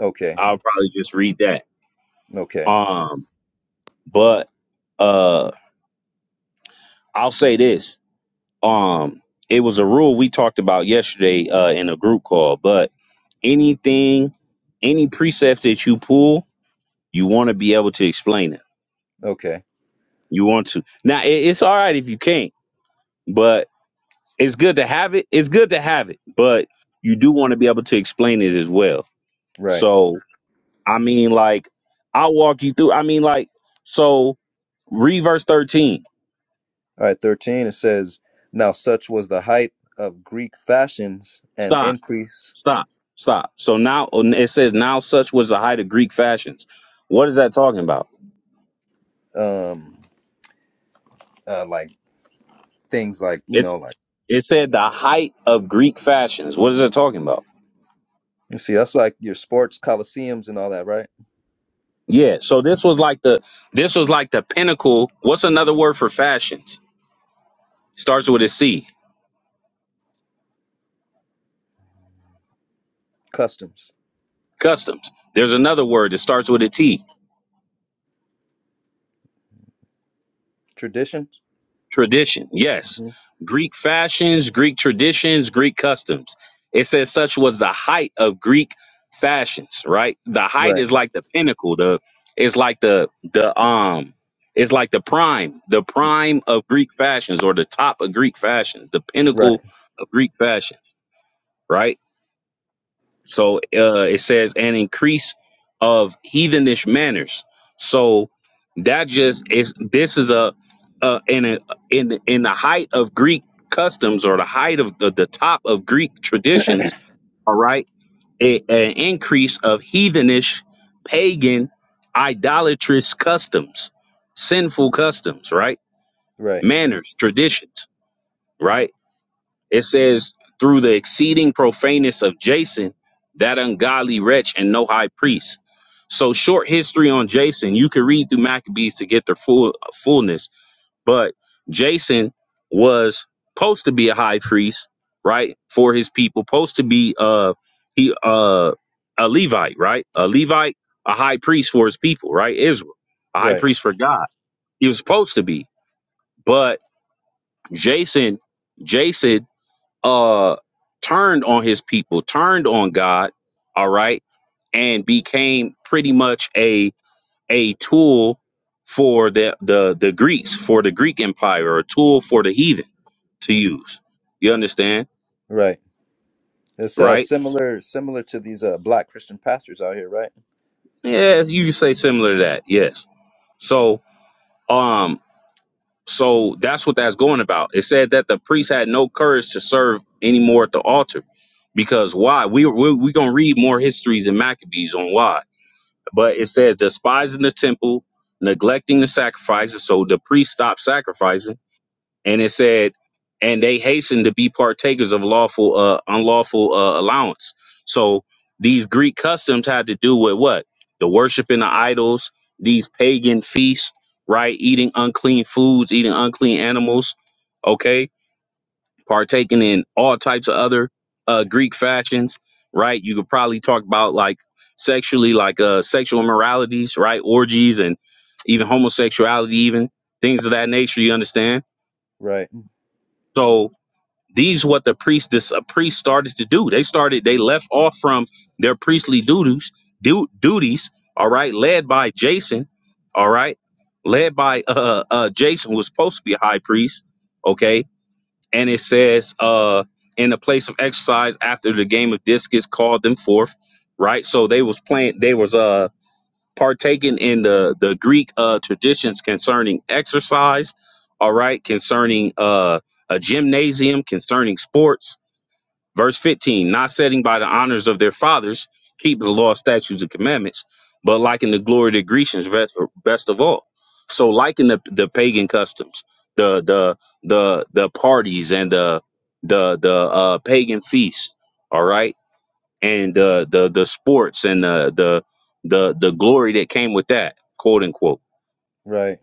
[SPEAKER 4] Okay,
[SPEAKER 2] I'll probably just read that.
[SPEAKER 4] okay,
[SPEAKER 2] Um, but uh, I'll say this. Um, it was a rule we talked about yesterday uh in a group call. But anything, any precept that you pull, you want to be able to explain it.
[SPEAKER 4] okay.
[SPEAKER 2] You want to. Now it, it's all right if you can't, but it's good to have it. It's good to have it, but you do want to be able to explain it as well.
[SPEAKER 4] Right.
[SPEAKER 2] So I mean, like, I'll walk you through. I mean, like, so read verse 13.
[SPEAKER 4] All right, 13, it says, Now such was the height of Greek fashions and
[SPEAKER 2] Stop,
[SPEAKER 4] increase,
[SPEAKER 2] stop, stop. So now it says, now such was the height of Greek fashions. What is that talking about?
[SPEAKER 4] um, uh, like things like, you
[SPEAKER 2] It
[SPEAKER 4] know, like,
[SPEAKER 2] it said the height of Greek fashions. What is that talking about?
[SPEAKER 4] you see, that's like your sports, coliseums, and all that, right?
[SPEAKER 2] Yeah. So this was like the this was like the pinnacle. What's another word for fashions? Starts with a C.
[SPEAKER 4] Customs,
[SPEAKER 2] Customs. There's another word that starts with a T
[SPEAKER 4] traditions.
[SPEAKER 2] Tradition, yes.
[SPEAKER 4] Mhm.
[SPEAKER 2] Greek fashions, Greek traditions, Greek customs. It says such was the height of Greek fashions, right? The height
[SPEAKER 4] Right,
[SPEAKER 2] is like the pinnacle, the it's like the the um it's like the prime, the prime of Greek fashions or the top of Greek fashions, the
[SPEAKER 4] right,
[SPEAKER 2] pinnacle of Greek fashion, right? So uh, it says an increase of heathenish manners. So that just is this is a uh, in a in the- in the height of Greek customs or the height of the, the top of Greek traditions. All right, a, an increase of heathenish, pagan, idolatrous customs, sinful customs, right?
[SPEAKER 4] right,
[SPEAKER 2] Manners, traditions, right? It says, through the exceeding profaneness of Jason, that ungodly wretch and no high priest. So short history on Jason. You can read through Maccabees to get their full fullness. But Jason was supposed to be a high priest, right? For his people, supposed to be uh he uh a Levite, right? A Levite, a high priest for his people, right? Israel, a high
[SPEAKER 4] right,
[SPEAKER 2] priest for God. He was supposed to be. But Jason, Jason uh turned on his people, turned on God, all right, and became pretty much a a tool for the the the Greeks, for the Greek Empire, or a tool for the heathen to use. You understand,
[SPEAKER 4] right. It's uh,
[SPEAKER 2] right?
[SPEAKER 4] similar, similar to these uh, black Christian pastors out here, right?
[SPEAKER 2] Yeah, you could say similar to that. Yes. So, um, so that's what that's going about. It said that the priest had no courage to serve anymore at the altar because why? We we we gonna read more histories in Maccabees on why But it says despising the temple, neglecting the sacrifices. So the priest stopped sacrificing, and it said, and they hastened to be partakers of lawful, uh, unlawful uh, allowance. So these Greek customs had to do with what the worshiping the idols, these pagan feasts, right? Eating unclean foods, eating unclean animals. Okay, partaking in all types of other uh, Greek fashions, right? You could probably talk about like sexually, like uh, sexual immoralities, right? Orgies and even homosexuality, even things of that nature. You understand?
[SPEAKER 4] Right,
[SPEAKER 2] So these what the priest this a priest started to do. They started they left off from their priestly duties du- duties. All right, led by Jason. All right, led by uh uh Jason who was supposed to be a high priest. Okay, and it says uh in the place of exercise after the game of discus called them forth right so they was playing they was uh partaking in the the greek uh traditions concerning exercise all right concerning uh a gymnasium concerning sports Verse 15, not setting by the honors of their fathers, keeping the law, statutes, and commandments, but liking the glory of the Grecians best, best of all. So liking the, the pagan customs, the the the the parties and the the the uh, pagan feasts, all right, and the the the sports and the the the the glory that came with that, quote unquote.
[SPEAKER 4] right,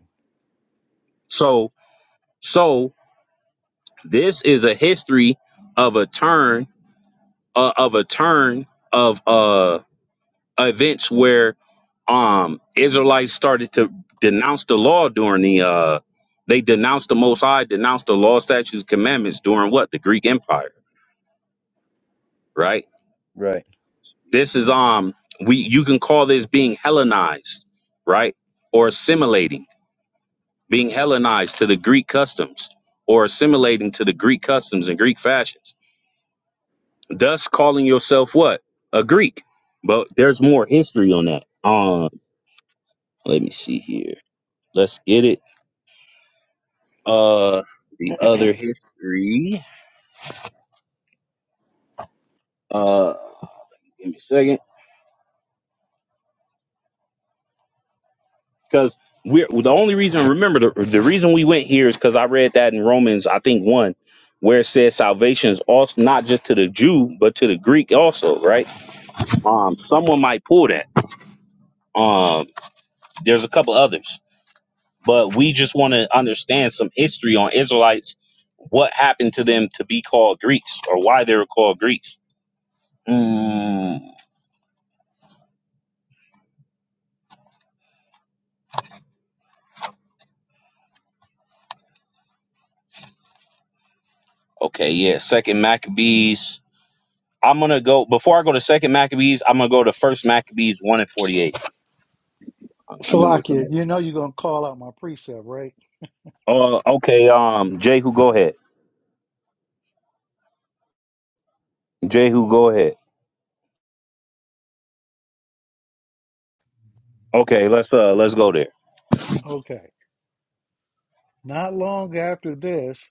[SPEAKER 2] So so this is a history of a turn uh, of a turn of uh events where um Israelites started to denounce the law during the uh they denounced the most high, denounced the law, statutes, commandments during what? The Greek Empire, right?
[SPEAKER 4] right.
[SPEAKER 2] This is um we you can call this being Hellenized, right? Or assimilating, being Hellenized to the Greek customs or assimilating to the Greek customs and Greek fashions. Thus calling yourself what? A Greek. But there's more history on that. Um let me see here. Let's get it. uh the other history. Uh give me a second. Because we're the only reason remember the, the reason we went here is because I read that in Romans, I think one, where it says salvation is also not just to the Jew, but to the Greek also, right? Um someone might pull that. Um there's a couple others. But we just want to understand some history on Israelites, what happened to them to be called Greeks or why they were called Greeks. Mm, okay, yeah. Second Maccabees I'm gonna go before I go to second Maccabees. I'm gonna go to first Maccabees one and forty eight. I I knew it was on
[SPEAKER 1] Salakia,
[SPEAKER 2] there.
[SPEAKER 1] you know you're going to call out my precept, right?
[SPEAKER 2] Oh, okay. Um, Jehu, go ahead. Jehu, go ahead. Okay, let's uh let's go there.
[SPEAKER 1] Okay. Not long after this,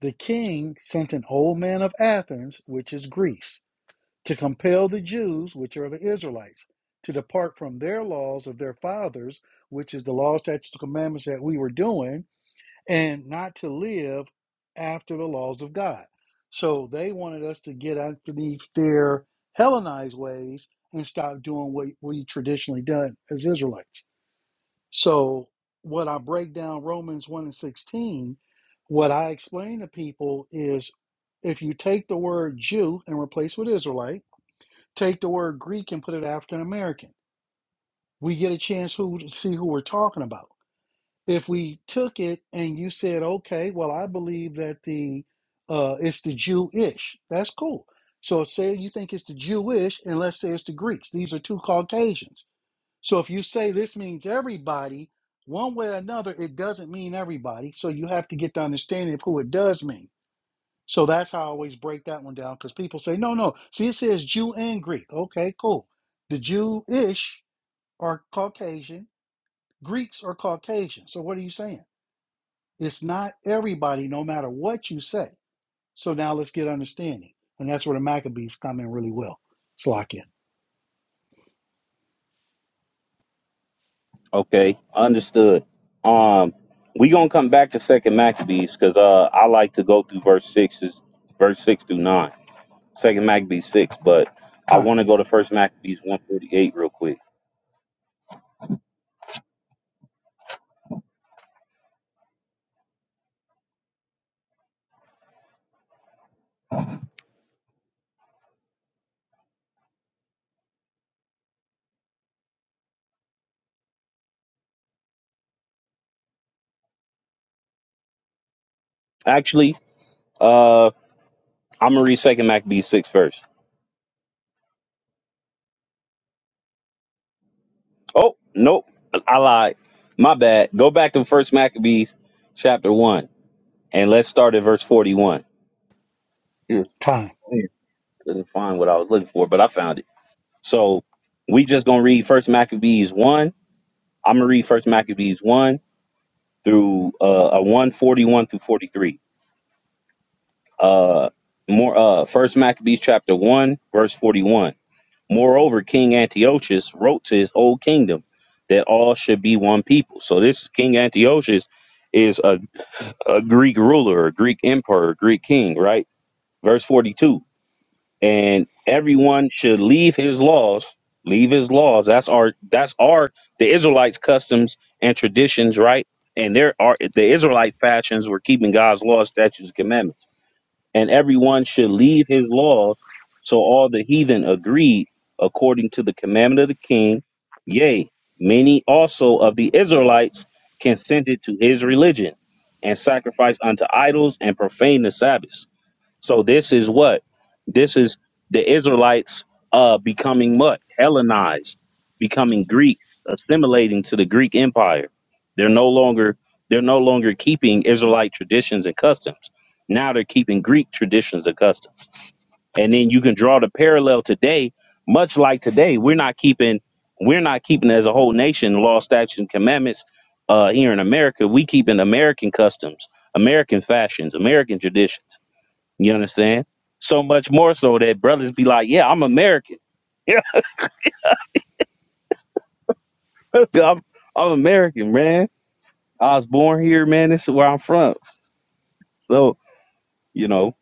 [SPEAKER 1] the king sent an old man of Athens, which is Greece, to compel the Jews, which are the Israelites, to depart from their laws of their fathers, which is the law, statutes, and commandments that we were doing, and not to live after the laws of God. So they wanted us to get out beneath their Hellenized ways and stop doing what we traditionally done as Israelites. So what I break down Romans 1 and 16, what I explain to people is if you take the word Jew and replace with Israelite, take the word Greek and put it African American, we get a chance who to see who we're talking about. If we took it and you said, okay, well, I believe that the uh, it's the Jewish, that's cool. So say you think it's the Jewish, and let's say it's the Greeks. These are two Caucasians so if you say this means everybody, one way or another, it doesn't mean everybody. So you have to get the understanding of who it does mean. So that's how I always break that one down because people say, no, no. See, it says Jew and Greek. Okay, cool. The Jewish are Caucasian, Greeks are Caucasian. So what are you saying? It's not everybody, no matter what you say. So now let's get understanding. And that's where the Maccabees come in really well. Slovakian,
[SPEAKER 2] Okay, understood. Um, we gonna come back to second Maccabees because uh I like to go through verse six is verse six through nine. Second Maccabees six, but I
[SPEAKER 1] kind,
[SPEAKER 2] want to go to first Maccabees one forty eight real quick. Actually, uh, I'm gonna read second Maccabees six first. Oh, nope. I lied. My bad. Go back to First Maccabees chapter 1 and let's start at verse 41. Yeah,
[SPEAKER 1] kind,
[SPEAKER 2] I Couldn't find what I was looking for, but I found it. So we just going to read First Maccabees 1. I'm going to read First Maccabees 1 through uh, uh 141 through 43. Uh more uh First Maccabees chapter 1 verse 41. Moreover, King Antiochus wrote to his whole kingdom that all should be one people. So this King Antiochus is a a Greek ruler, a Greek emperor, a Greek king, right? Verse 42. And everyone should leave his laws, leave his laws. That's our that's our the Israelites customs and traditions, right? And there are the Israelite fashions were keeping God's laws, statutes, and commandments and everyone should leave his laws. So all the heathen agreed according to the commandment of the king. Yea, many also of the Israelites consented to his religion and sacrificed unto idols and profaned the Sabbath. So this is what this is the Israelites uh becoming what Hellenized, becoming Greek, assimilating to the Greek Empire. They're no longer they're no longer keeping Israelite traditions and customs. Now they're keeping Greek traditions and customs. And then you can draw the parallel today, much like today, we're not keeping we're not keeping as a whole nation law, statutes, and commandments uh, here in America. We keeping American customs, American fashions, American traditions you understand? So much more so that brothers be like, "Yeah, I'm American. Yeah, I'm I'm American, man. I was born here, man. This is where I'm from." So you know,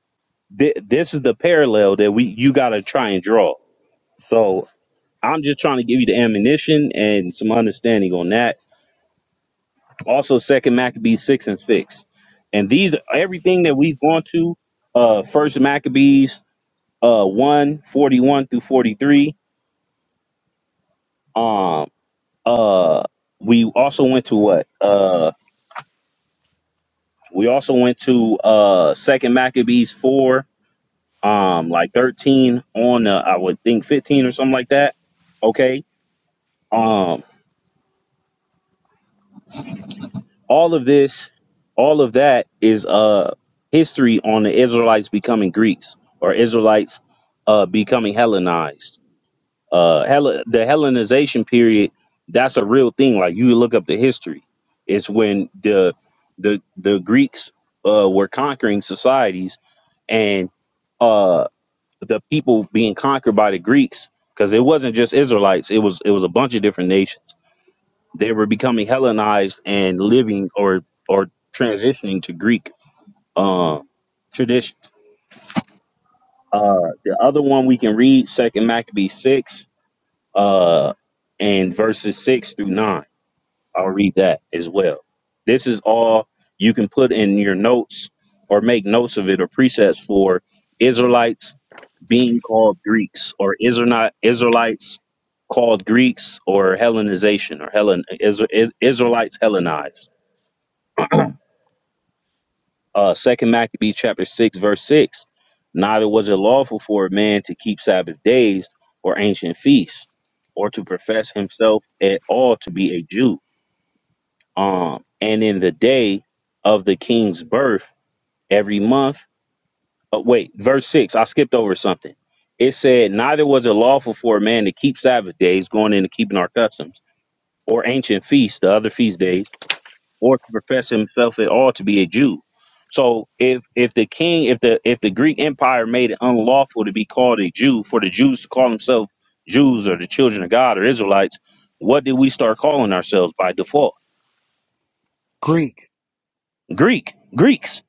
[SPEAKER 2] thi- this is the parallel that we you got to try and draw. So I'm just trying to give you the ammunition and some understanding on that. Also, Second Maccabees six and six, and these everything that we've gone to. Uh, First Maccabees uh one forty one through forty three. um. Uh, we also went to what? Uh, we also went to uh Second Maccabees four, um, like thirteen on uh, I would think fifteen or something like that. Okay. Um, all of this, all of that is uh history on the Israelites becoming Greeks or Israelites uh becoming Hellenized uh Hell- the Hellenization period that's a real thing like you look up the history it's when the the the Greeks uh were conquering societies and uh the people being conquered by the Greeks because it wasn't just Israelites it was it was a bunch of different nations they were becoming Hellenized and living or or transitioning to Greek um tradition uh the other one we can read second Maccabees 6 uh, and verses six through nine. I'll read that as well. This is all you can put in your notes or make notes of it or precepts for Israelites being called Greeks or Israel not Israelites called Greeks or Hellenization or Hellen Isra- Israelites Hellenized. Uh, Second Maccabees chapter six verse six. Neither was it lawful for a man to keep Sabbath days or ancient feasts, or to profess himself at all to be a Jew. Um, and in the day of the king's birth, every month. Oh, wait, verse six. I skipped over something. It said, neither was it lawful for a man to keep Sabbath days, going into keeping our customs, or ancient feasts, the other feast days or to profess himself at all to be a Jew. So if if the king if the if the Greek Empire made it unlawful to be called a Jew for the Jews to call themselves Jews or the children of God or Israelites, what did we start calling ourselves by default?
[SPEAKER 1] Greek.
[SPEAKER 2] Greek, Greeks.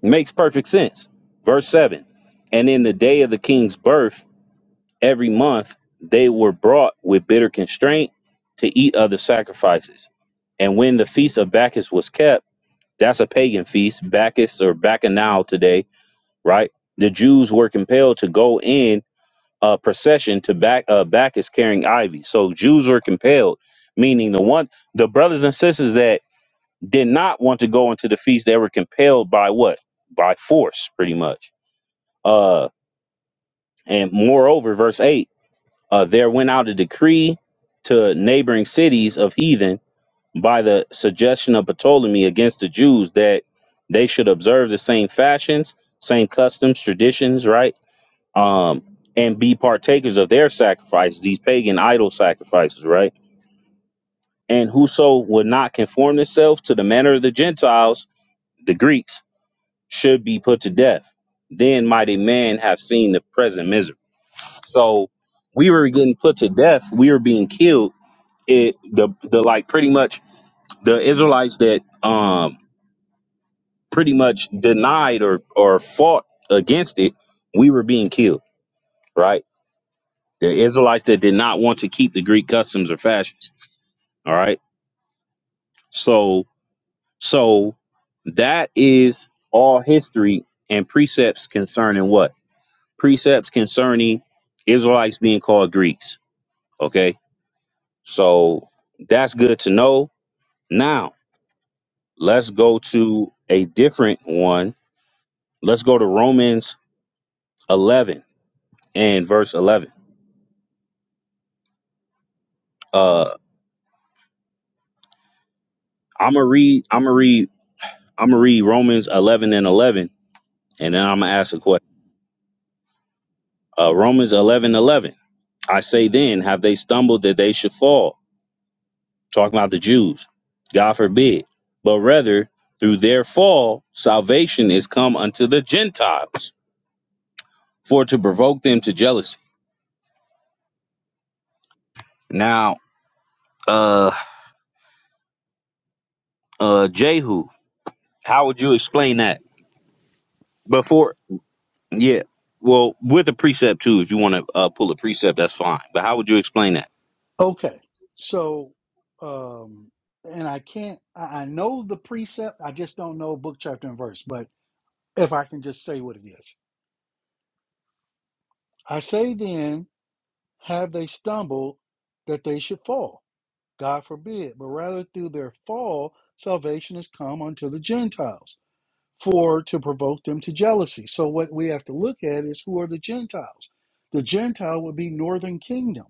[SPEAKER 2] Makes perfect sense. Verse 7. And in the day of the king's birth, every month they were brought with bitter constraint to eat other sacrifices. And when the feast of Bacchus was kept, That's a pagan feast, Bacchus or Bacchanal today, right? The Jews were compelled to go in a procession to back uh, Bacchus carrying ivy. So Jews were compelled, meaning the one the brothers and sisters that did not want to go into the feast, they were compelled by what? By force, pretty much. Uh, and moreover, verse eight, uh, there went out a decree to neighboring cities of heathen by the suggestion of Ptolemy against the Jews that they should observe the same fashions, same customs, traditions, right? Um, and be partakers of their sacrifices, these pagan idol sacrifices, right? And whoso would not conform themselves to the manner of the Gentiles, the Greeks, should be put to death. Then might a man have seen the present misery. So we were getting put to death. We were being killed. It the the like pretty much the Israelites that um pretty much denied or or fought against it, we were being killed, right? The Israelites that did not want to keep the Greek customs or fashions. All right. So so that is all history and precepts concerning what? Precepts concerning Israelites being called Greeks. Okay. So that's good to know. Now let's go to a different one. Let's go to Romans 11 and verse 11. Uh. I'm gonna read. I'm gonna read. I'm gonna read Romans 11 and 11, and then I'm gonna ask a question. Uh, Romans 11 11. I say then, have they stumbled that they should fall? Talking about the Jews. God forbid. But rather, through their fall, salvation is come unto the Gentiles, for to provoke them to jealousy. Now, uh, uh, Jehu, how would you explain that? Before Yeah. Well, with a precept too, if you want to uh, pull a precept, that's fine. But how would you explain that?
[SPEAKER 1] Okay. So, um, and I can't, I I know the precept, I just don't know book, chapter, and verse, but if I can just say what it is. I say then, have they stumbled that they should fall? God forbid, but rather through their fall, salvation has come unto the Gentiles. for to provoke them to jealousy. So what we have to look at is who are the Gentiles. The Gentile would be Northern Kingdom,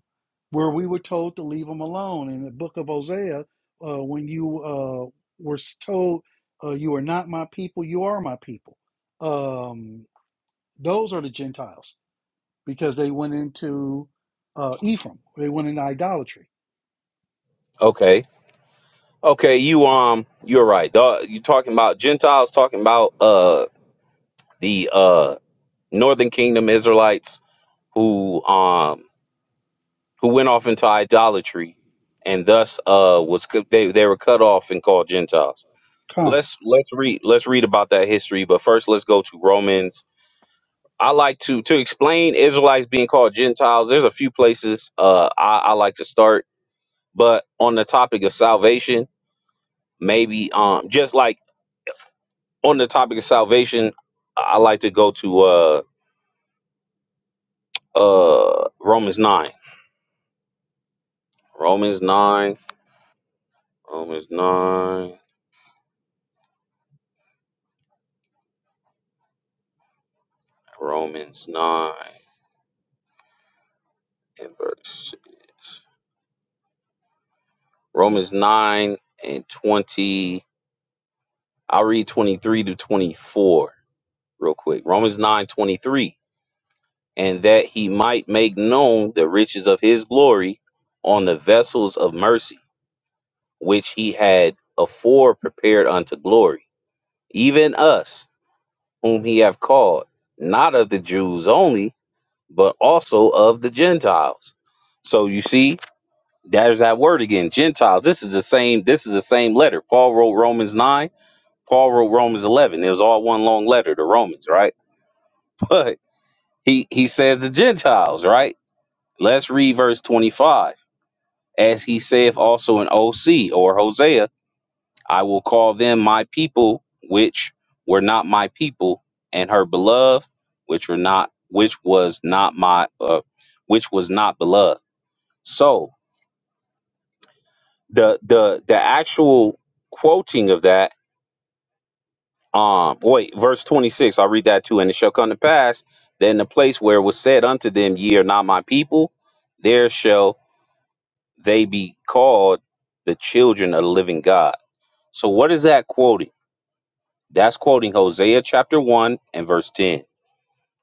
[SPEAKER 1] where we were told to leave them alone. In the book of Hosea, uh, when you uh, were told uh, you are not my people, you are my people. Um, those are the Gentiles because they went into uh, Ephraim. They went into idolatry.
[SPEAKER 2] Okay. Okay. You um, you're right. Uh, you talking about Gentiles? Talking about uh the uh Northern Kingdom Israelites who um who went off into idolatry and thus uh was cut- they, they were cut off and called gentiles
[SPEAKER 1] Con
[SPEAKER 2] let's let's read let's read about that history but first let's go to romans i like to to explain israelites being called gentiles there's a few places uh i, I like to start but on the topic of salvation maybe um just like on the topic of salvation i like to go to uh uh romans 9 romans 9 romans 9 romans 9 and verses. Romans 9 and 20. I'll read 23 to 24 real quick. Romans 9 23, And that he might make known the riches of his glory on the vessels of mercy, which he had afore prepared unto glory, even us, whom he have called, not of the Jews only, but also of the Gentiles. So you see, There's that word again, Gentiles. This is the same. This is the same letter. Paul wrote Romans nine. Paul wrote Romans eleven. It was all one long letter to Romans, right? But he he says the Gentiles, right? Let's read verse twenty five. As he saith also in OC or Hosea, I will call them my people, which were not my people, and her beloved, which were not, which was not my, uh, which was not beloved. So the the the actual quoting of that um wait verse 26 i I'll read that too and it shall come to pass that in the place where it was said unto them ye are not my people there shall they be called the children of the living god so what is that quoting that's quoting hosea chapter 1 and verse 10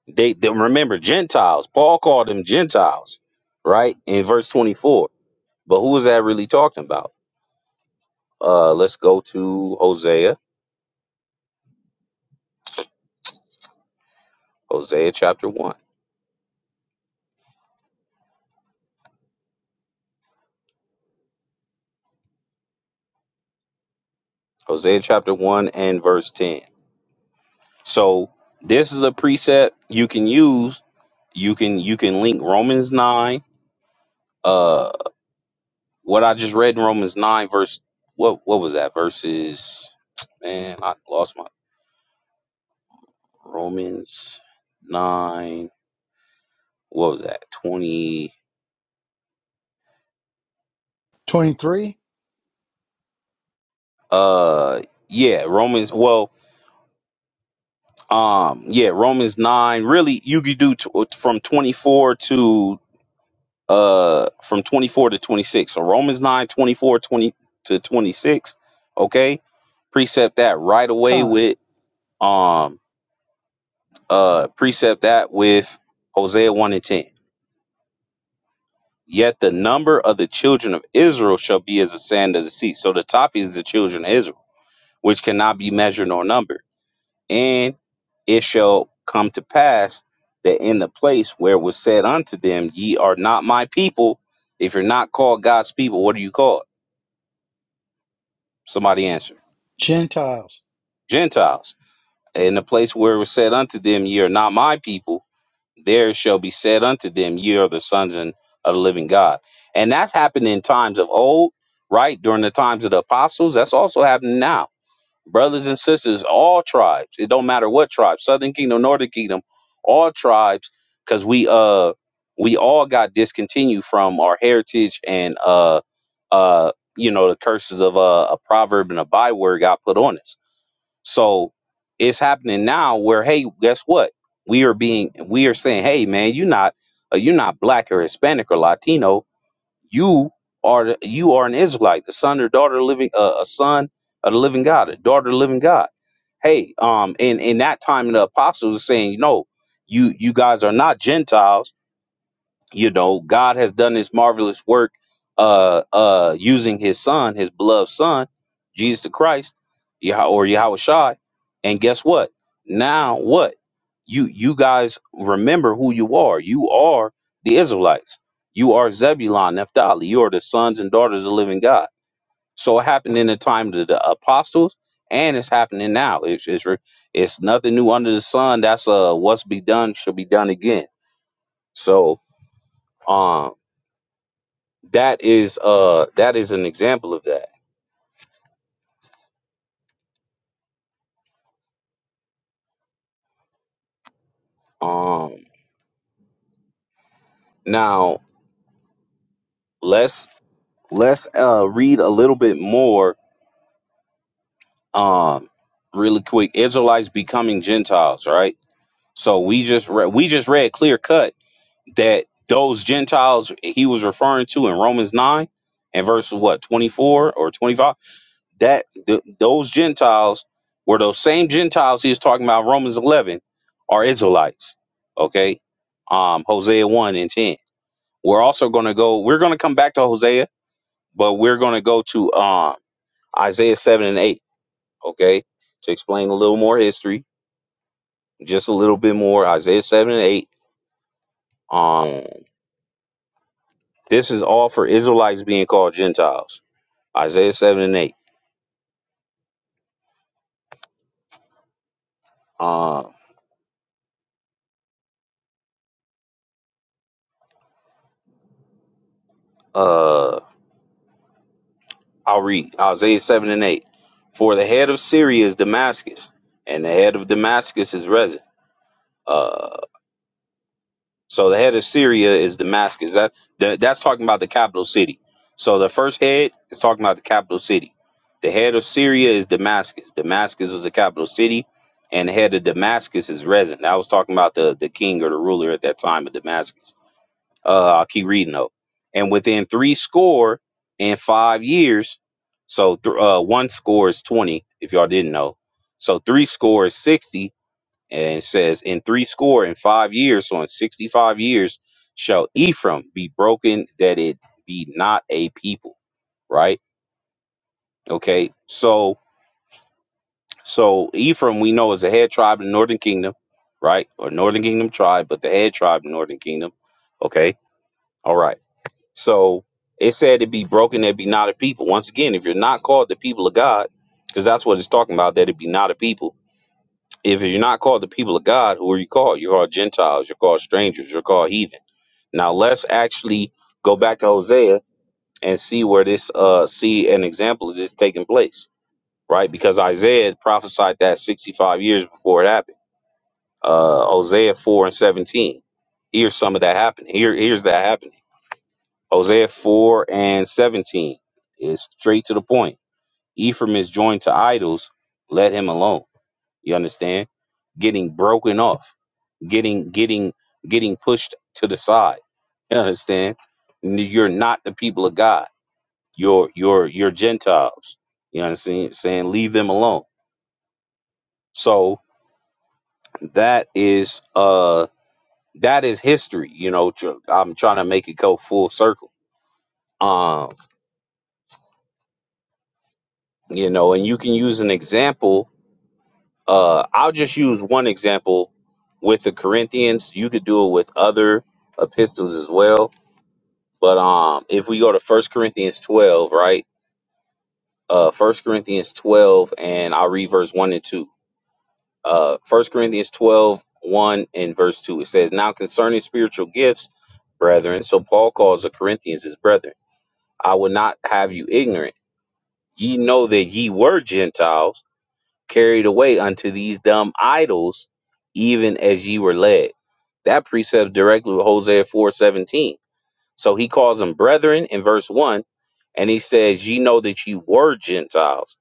[SPEAKER 2] they, they remember gentiles paul called them gentiles right in verse 24 but who is that really talking about uh let's go to hosea hosea chapter 1 hosea chapter 1 and verse 10 So this is a precept you can use. You can you can link Romans nine. Uh, what I just read in Romans nine verse what what was that verses? Man, I lost my Romans nine. What was that twenty?
[SPEAKER 1] twenty three.
[SPEAKER 2] Uh, yeah, Romans. Well, um, yeah, Romans nine. Really, you could do t- from twenty four to uh from 24 to 26 so romans 9 24 20 to 26 okay precept that right away
[SPEAKER 1] Con
[SPEAKER 2] with um uh precept that with hosea 1 and 10 yet the number of the children of israel shall be as the sand of the sea so the topic is the children of israel which cannot be measured nor numbered and it shall come to pass that in the place where was said unto them ye are not my people if you're not called god's people what are you called somebody answer
[SPEAKER 1] Gentiles
[SPEAKER 2] Gentiles. In the place where it was said unto them, Ye are not my people, there shall be said unto them, Ye are the sons and of the living God. And that's happened in times of old, right? During the times of the apostles. That's also happening now. Brothers and sisters, all tribes, it don't matter what tribe, Southern Kingdom, Northern Kingdom, all tribes, because we uh we all got discontinued from our heritage and uh uh you know the curses of uh, a proverb and a byword got put on us so it's happening now where hey, guess what? We are being we are saying, hey man, you're not uh, you're not black or Hispanic or Latino. You are the- you are an Israelite, the son or daughter of living uh, a son of the living God, a daughter of the living God. Hey, um, in in that time the apostles are saying, no, you you guys are not Gentiles you know god has done this marvelous work uh uh using his son his beloved son jesus the christ Yah- or yahweh shai and guess what now what you you guys remember who you are you are the israelites you are zebulon naphtali you are the sons and daughters of the living god so it happened in the time of the apostles and it's happening now it's it's, re- it's nothing new under the sun that's uh what's be done should be done again so um, that is uh that is an example of that um now let's let's uh read a little bit more um really quick israelites becoming gentiles right so we just read we just read clear cut that those gentiles he was referring to in romans 9 and verse what 24 or 25 that th- those gentiles were those same gentiles he was talking about in romans 11 are israelites okay um hosea 1 and 10 We're also going to go. We're going to come back to Hosea, but we're going to go to um, Isaiah seven and eight. Okay, to explain a little more history, just a little bit more. Isaiah seven and eight. Um, this is all for Israelites being called Gentiles. Isaiah seven and eight. Um, uh, I'll read Isaiah seven and eight. For the head of Syria is Damascus, and the head of Damascus is Rezin. Uh, So the head of Syria is Damascus. That th- that's talking about the capital city. So the first head is talking about the capital city. The head of Syria is Damascus. Damascus was a capital city, and the head of Damascus is Rezin. I was talking about the the king or the ruler at that time of Damascus. Uh, I'll keep reading though. And within three score and five years, so th- uh, one score is twenty. If y'all didn't know, so three score is sixty and it says, "In three score and five years, so in sixty-five years, shall Ephraim be broken, that it be not a people." Right? Okay. So, so Ephraim, we know is a head tribe in the Northern Kingdom, right? Or Northern Kingdom tribe, but the head tribe in the Northern Kingdom. Okay. All right. So it said to be broken, that be not a people. Once again, if you're not called the people of God, because that's what it's talking about, that it be not a people if you're not called the people of God, who are you called? You're called Gentiles, you're called strangers, you're called heathen. Now let's actually go back to Hosea and see where this uh see an example of this taking place, right? Because Isaiah prophesied that 65 years before it happened. Uh Hosea 4 and 17. Here's some of that happening. Here here's that happening. Hosea 4 and 17 is straight to the point. Ephraim is joined to idols, let him alone. You understand? Getting broken off getting getting getting pushed to the side. You understand? N- You're not the people of God. You're you're you're Gentiles. You understand? Saying leave them alone. So that is uh that is history. You know, tr- I'm trying to make it go full circle. Um, you know, and you can use an example. Uh, I'll just use one example with the Corinthians. You could do it with other epistles as well. But um, if we go to First Corinthians 12, right? uh first corinthians 12 and i'll read verse 1 and 2 uh first corinthians 12 1 and verse 2 it says now concerning spiritual gifts brethren so paul calls the corinthians his brethren i would not have you ignorant ye know that ye were gentiles carried away unto these dumb idols even as ye were led that precept directly with hosea 4:17. So he calls them brethren in verse 1, and he says, Ye know that ye were Gentiles,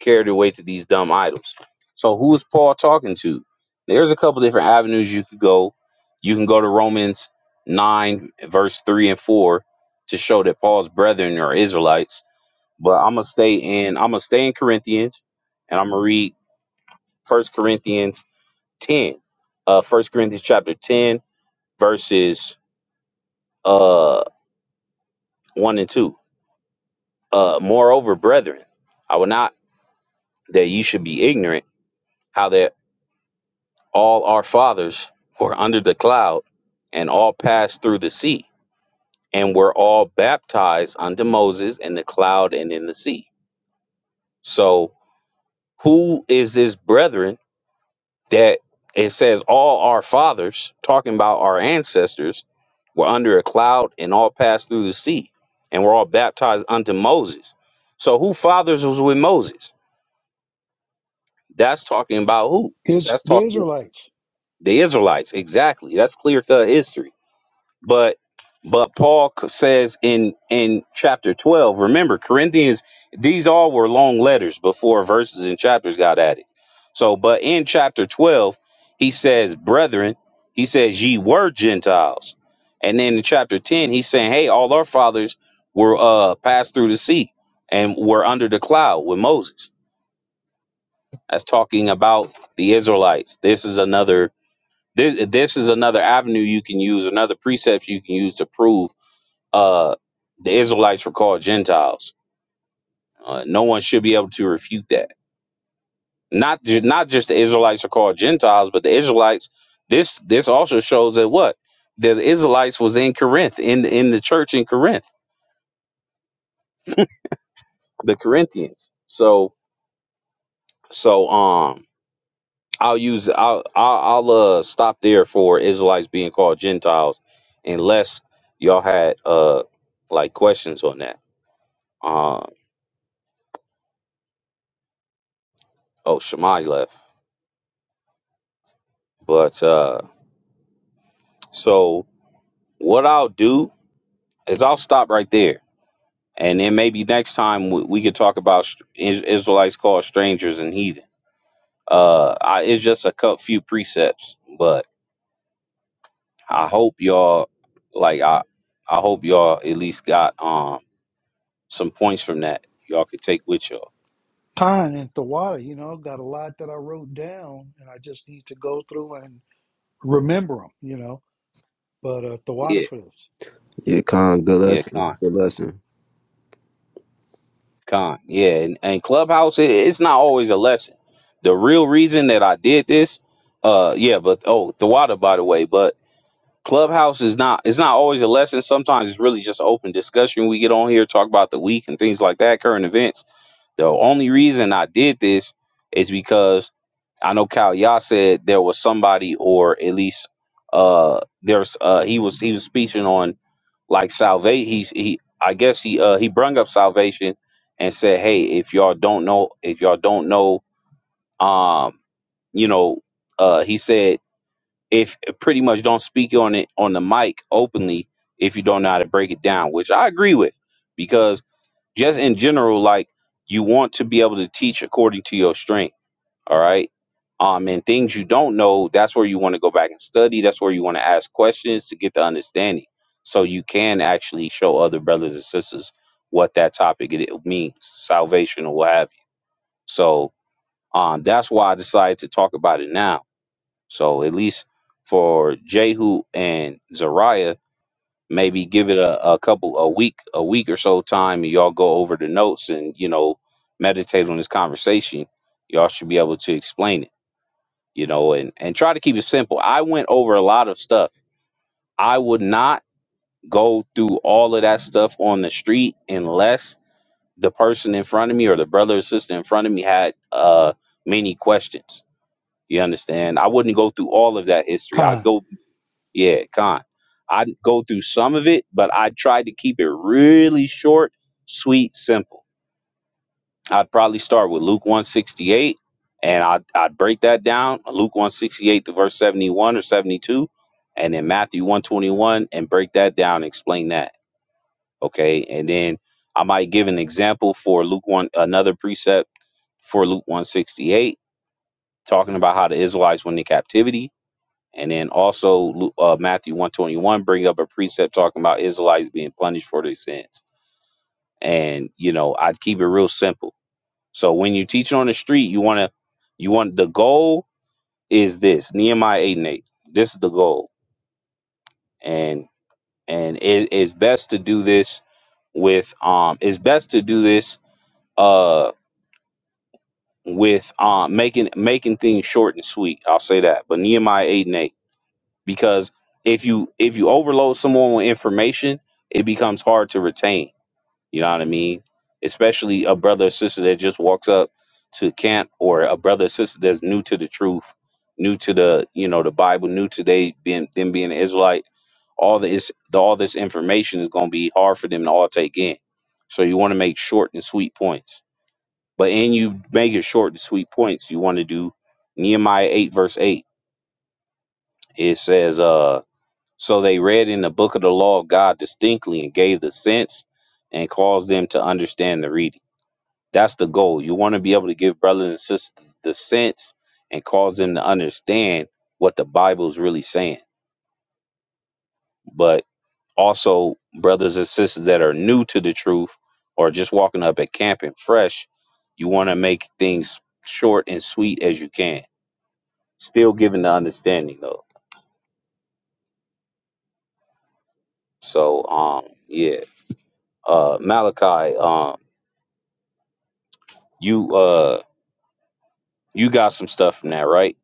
[SPEAKER 2] carried away to these dumb idols. So who is Paul talking to? There's a couple different avenues you could go. You can go to Romans 9, verse 3 and 4 to show that Paul's brethren are Israelites. But I'm gonna stay in I'm gonna stay in Corinthians and I'm gonna read First Corinthians 10. Uh First Corinthians chapter 10, verses uh 1 and 2 Uh, moreover, brethren, I will not that you should be ignorant how that all our fathers were under the cloud and all passed through the sea and were all baptized unto Moses in the cloud and in the sea. So, who is this brethren that it says all our fathers, talking about our ancestors, were under a cloud and all passed through the sea and were all baptized unto Moses? So, who fathers was with Moses? That's talking about who?
[SPEAKER 1] is
[SPEAKER 2] That's
[SPEAKER 1] the
[SPEAKER 2] talking
[SPEAKER 1] Israelites
[SPEAKER 2] the Israelites. Exactly. That's clear cut history. But but Paul c- says in in chapter 12, remember Corinthians, these all were long letters before verses and chapters got added. So but in chapter 12, he says, "Brethren," he says, "Ye were Gentiles." And then in chapter 10, he's saying, "Hey, all our fathers were uh passed through the sea and were under the cloud with Moses." That's talking about the Israelites. This is another this this is another avenue you can use, another precept you can use to prove uh the Israelites were called Gentiles. Uh, no one should be able to refute that. Not ju- not just the Israelites are called Gentiles, but the Israelites. This this also shows that what the Israelites was in Corinth in in the church in Corinth, the Corinthians. So so um I'll use I'll I'll, I'll uh, stop there for Israelites being called Gentiles, unless y'all had uh like questions on that. Uh, oh, Shammai left, but uh, so what I'll do is I'll stop right there, and then maybe next time we, we could talk about str- Is- Israelites called strangers and heathen. Uh, I, it's just a cut few precepts, but I hope y'all like I I hope y'all at least got um some points from that y'all could take with y'all.
[SPEAKER 1] Pine and Thawada, you know, got a lot that I wrote down and I just need to go through and remember them, you know. But uh, Thawada
[SPEAKER 2] Yeah,
[SPEAKER 1] for this.
[SPEAKER 3] yeah, Khan, good
[SPEAKER 2] yeah,
[SPEAKER 3] lesson,
[SPEAKER 2] con,
[SPEAKER 3] good lesson.
[SPEAKER 2] con, yeah, and, and clubhouse it, it's not always a lesson. The real reason that I did this, uh, yeah, but oh, the water by the way, but clubhouse is not it's not always a lesson. Sometimes it's really just open discussion. We get on here talk about the week and things like that, current events The only reason I did this is because I know Cal Y'all said there was somebody, or at least uh, there's uh, he was he was speaking on like salvation. He he I guess he uh, he brung up salvation and said, hey, if y'all don't know, if y'all don't know, um, you know, uh, he said if pretty much don't speak on it on the mic openly if you don't know how to break it down, which I agree with because just in general, like you want to be able to teach according to your strength. All right. Um, and things you don't know, that's where you want to go back and study. That's where you want to ask questions to get the understanding. So you can actually show other brothers and sisters what that topic it it means, salvation or what have you. So um that's why I decided to talk about it now. So at least for Jehu and Zariah, maybe give it a, a couple a week a week or so time and y'all go over the notes and you know meditate on this conversation y'all should be able to explain it you know and and try to keep it simple i went over a lot of stuff i would not go through all of that stuff on the street unless the person in front of me or the brother or sister in front of me had uh many questions you understand i wouldn't go through all of that history i
[SPEAKER 1] Pine.
[SPEAKER 2] go yeah, con. I go through some of it, but I tried to keep it really short, sweet, simple. I'd probably start with Luke 168 and I'd, I'd break that down Luke 168 to verse 71 or 72, and then Matthew 121 and break that down and explain that. Okay. And then I might give an example for Luke 1, another precept for Luke 168, talking about how the Israelites went into captivity And then also Lu- uh, Matthew 121 bring up a precept talking about Israelites being punished for their sins. And you know, I'd keep it real simple. So when you teach on the street, you want to you want the goal is this Nehemiah 8 and 8. This is the goal. And and it is best to do this with um it's best to do this uh with um making making things short and sweet. I'll say that. But Nehemiah 8 and 8 because if you if you overload someone with information, it becomes hard to retain. You know what I mean? Especially a brother or sister that just walks up to camp or a brother or sister that's new to the truth, new to the you know the Bible, new to they being them being an Israelite. All this the, all this information is going to be hard for them to all take in. So you want to make short and sweet points. But in you make it short and sweet points, you want to do Nehemiah eight verse eight. It says, uh so they read in the book of the law of God distinctly and gave the sense and caused them to understand the reading. That's the goal. You want to be able to give brothers and sisters the sense and cause them to understand what the Bible is really saying. But also, brothers and sisters that are new to the truth or just walking up at camp and fresh, you want to make things short and sweet as you can, still giving the understanding though. So, um, yeah, uh, Malachi, um, you, uh, You got some stuff from that, right?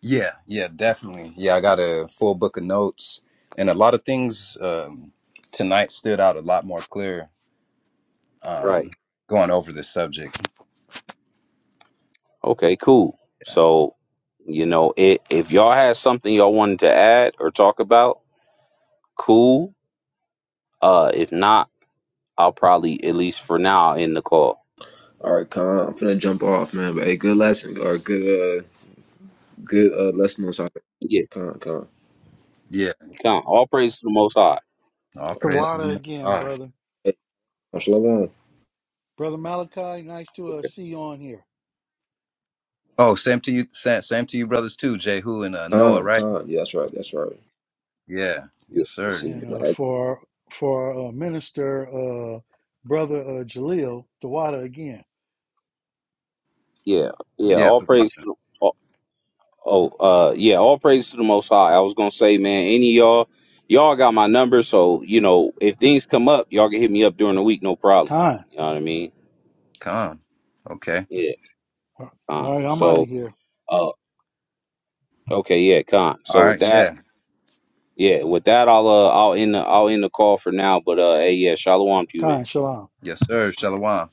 [SPEAKER 4] Yeah, yeah, definitely. Yeah, I got a full book of notes, and a lot of things um, tonight stood out a lot more clear.
[SPEAKER 2] Right.
[SPEAKER 4] um, going over this subject.
[SPEAKER 2] Okay, cool.
[SPEAKER 4] Yeah,
[SPEAKER 2] So, you know, it, if y'all had something y'all wanted to add or talk about, cool. Uh, if not, I'll probably at least for now end the call.
[SPEAKER 3] All right, Khan, I'm finna jump off, man. But hey, good lesson or good uh good uh lesson on soccer.
[SPEAKER 2] Yeah,
[SPEAKER 3] Khan, Khan,
[SPEAKER 4] yeah.
[SPEAKER 2] come. All praise to the Most High.
[SPEAKER 4] All
[SPEAKER 3] all right, Khan.
[SPEAKER 4] praise to the
[SPEAKER 1] Thawada
[SPEAKER 4] Most
[SPEAKER 1] again,
[SPEAKER 4] High.
[SPEAKER 1] brother.
[SPEAKER 3] Hey, shalom.
[SPEAKER 1] Brother Malachi, nice to uh,
[SPEAKER 2] Okay.
[SPEAKER 1] see you on here.
[SPEAKER 4] Oh, same to you. Same, same to you, brothers too. Jehu and uh, Noah,
[SPEAKER 3] Khan,
[SPEAKER 4] right?
[SPEAKER 3] Khan. Yeah, that's right, that's right.
[SPEAKER 4] Yeah.
[SPEAKER 2] Yeah,
[SPEAKER 4] Yes,
[SPEAKER 3] I
[SPEAKER 4] sir.
[SPEAKER 3] see
[SPEAKER 1] And uh,
[SPEAKER 3] you.
[SPEAKER 1] for for uh, Minister uh, Brother uh, Jaleel, Thawada again.
[SPEAKER 2] yeah, yeah.
[SPEAKER 4] Yeah.
[SPEAKER 2] All
[SPEAKER 4] The
[SPEAKER 2] praise.
[SPEAKER 4] water.
[SPEAKER 2] To the, oh, oh, uh, yeah. All praise to the Most High. I was gonna say, man, any of y'all, y'all got my number, so you know, if things come up, y'all can hit me up during the week, no problem.
[SPEAKER 1] kind.
[SPEAKER 2] You know what I mean?
[SPEAKER 4] Come. Okay.
[SPEAKER 2] Yeah.
[SPEAKER 1] All
[SPEAKER 2] Fine.
[SPEAKER 1] right, I'm out of
[SPEAKER 2] So.
[SPEAKER 1] here.
[SPEAKER 2] uh, Okay, yeah, con.
[SPEAKER 4] All
[SPEAKER 2] So with
[SPEAKER 4] right.
[SPEAKER 2] that,
[SPEAKER 4] Yeah.
[SPEAKER 2] yeah, with that, I'll uh, I'll end the I'll end the call for now. But uh, hey, yeah, shalom to you, man.
[SPEAKER 1] kind shalom.
[SPEAKER 4] Yes, sir. Shalom.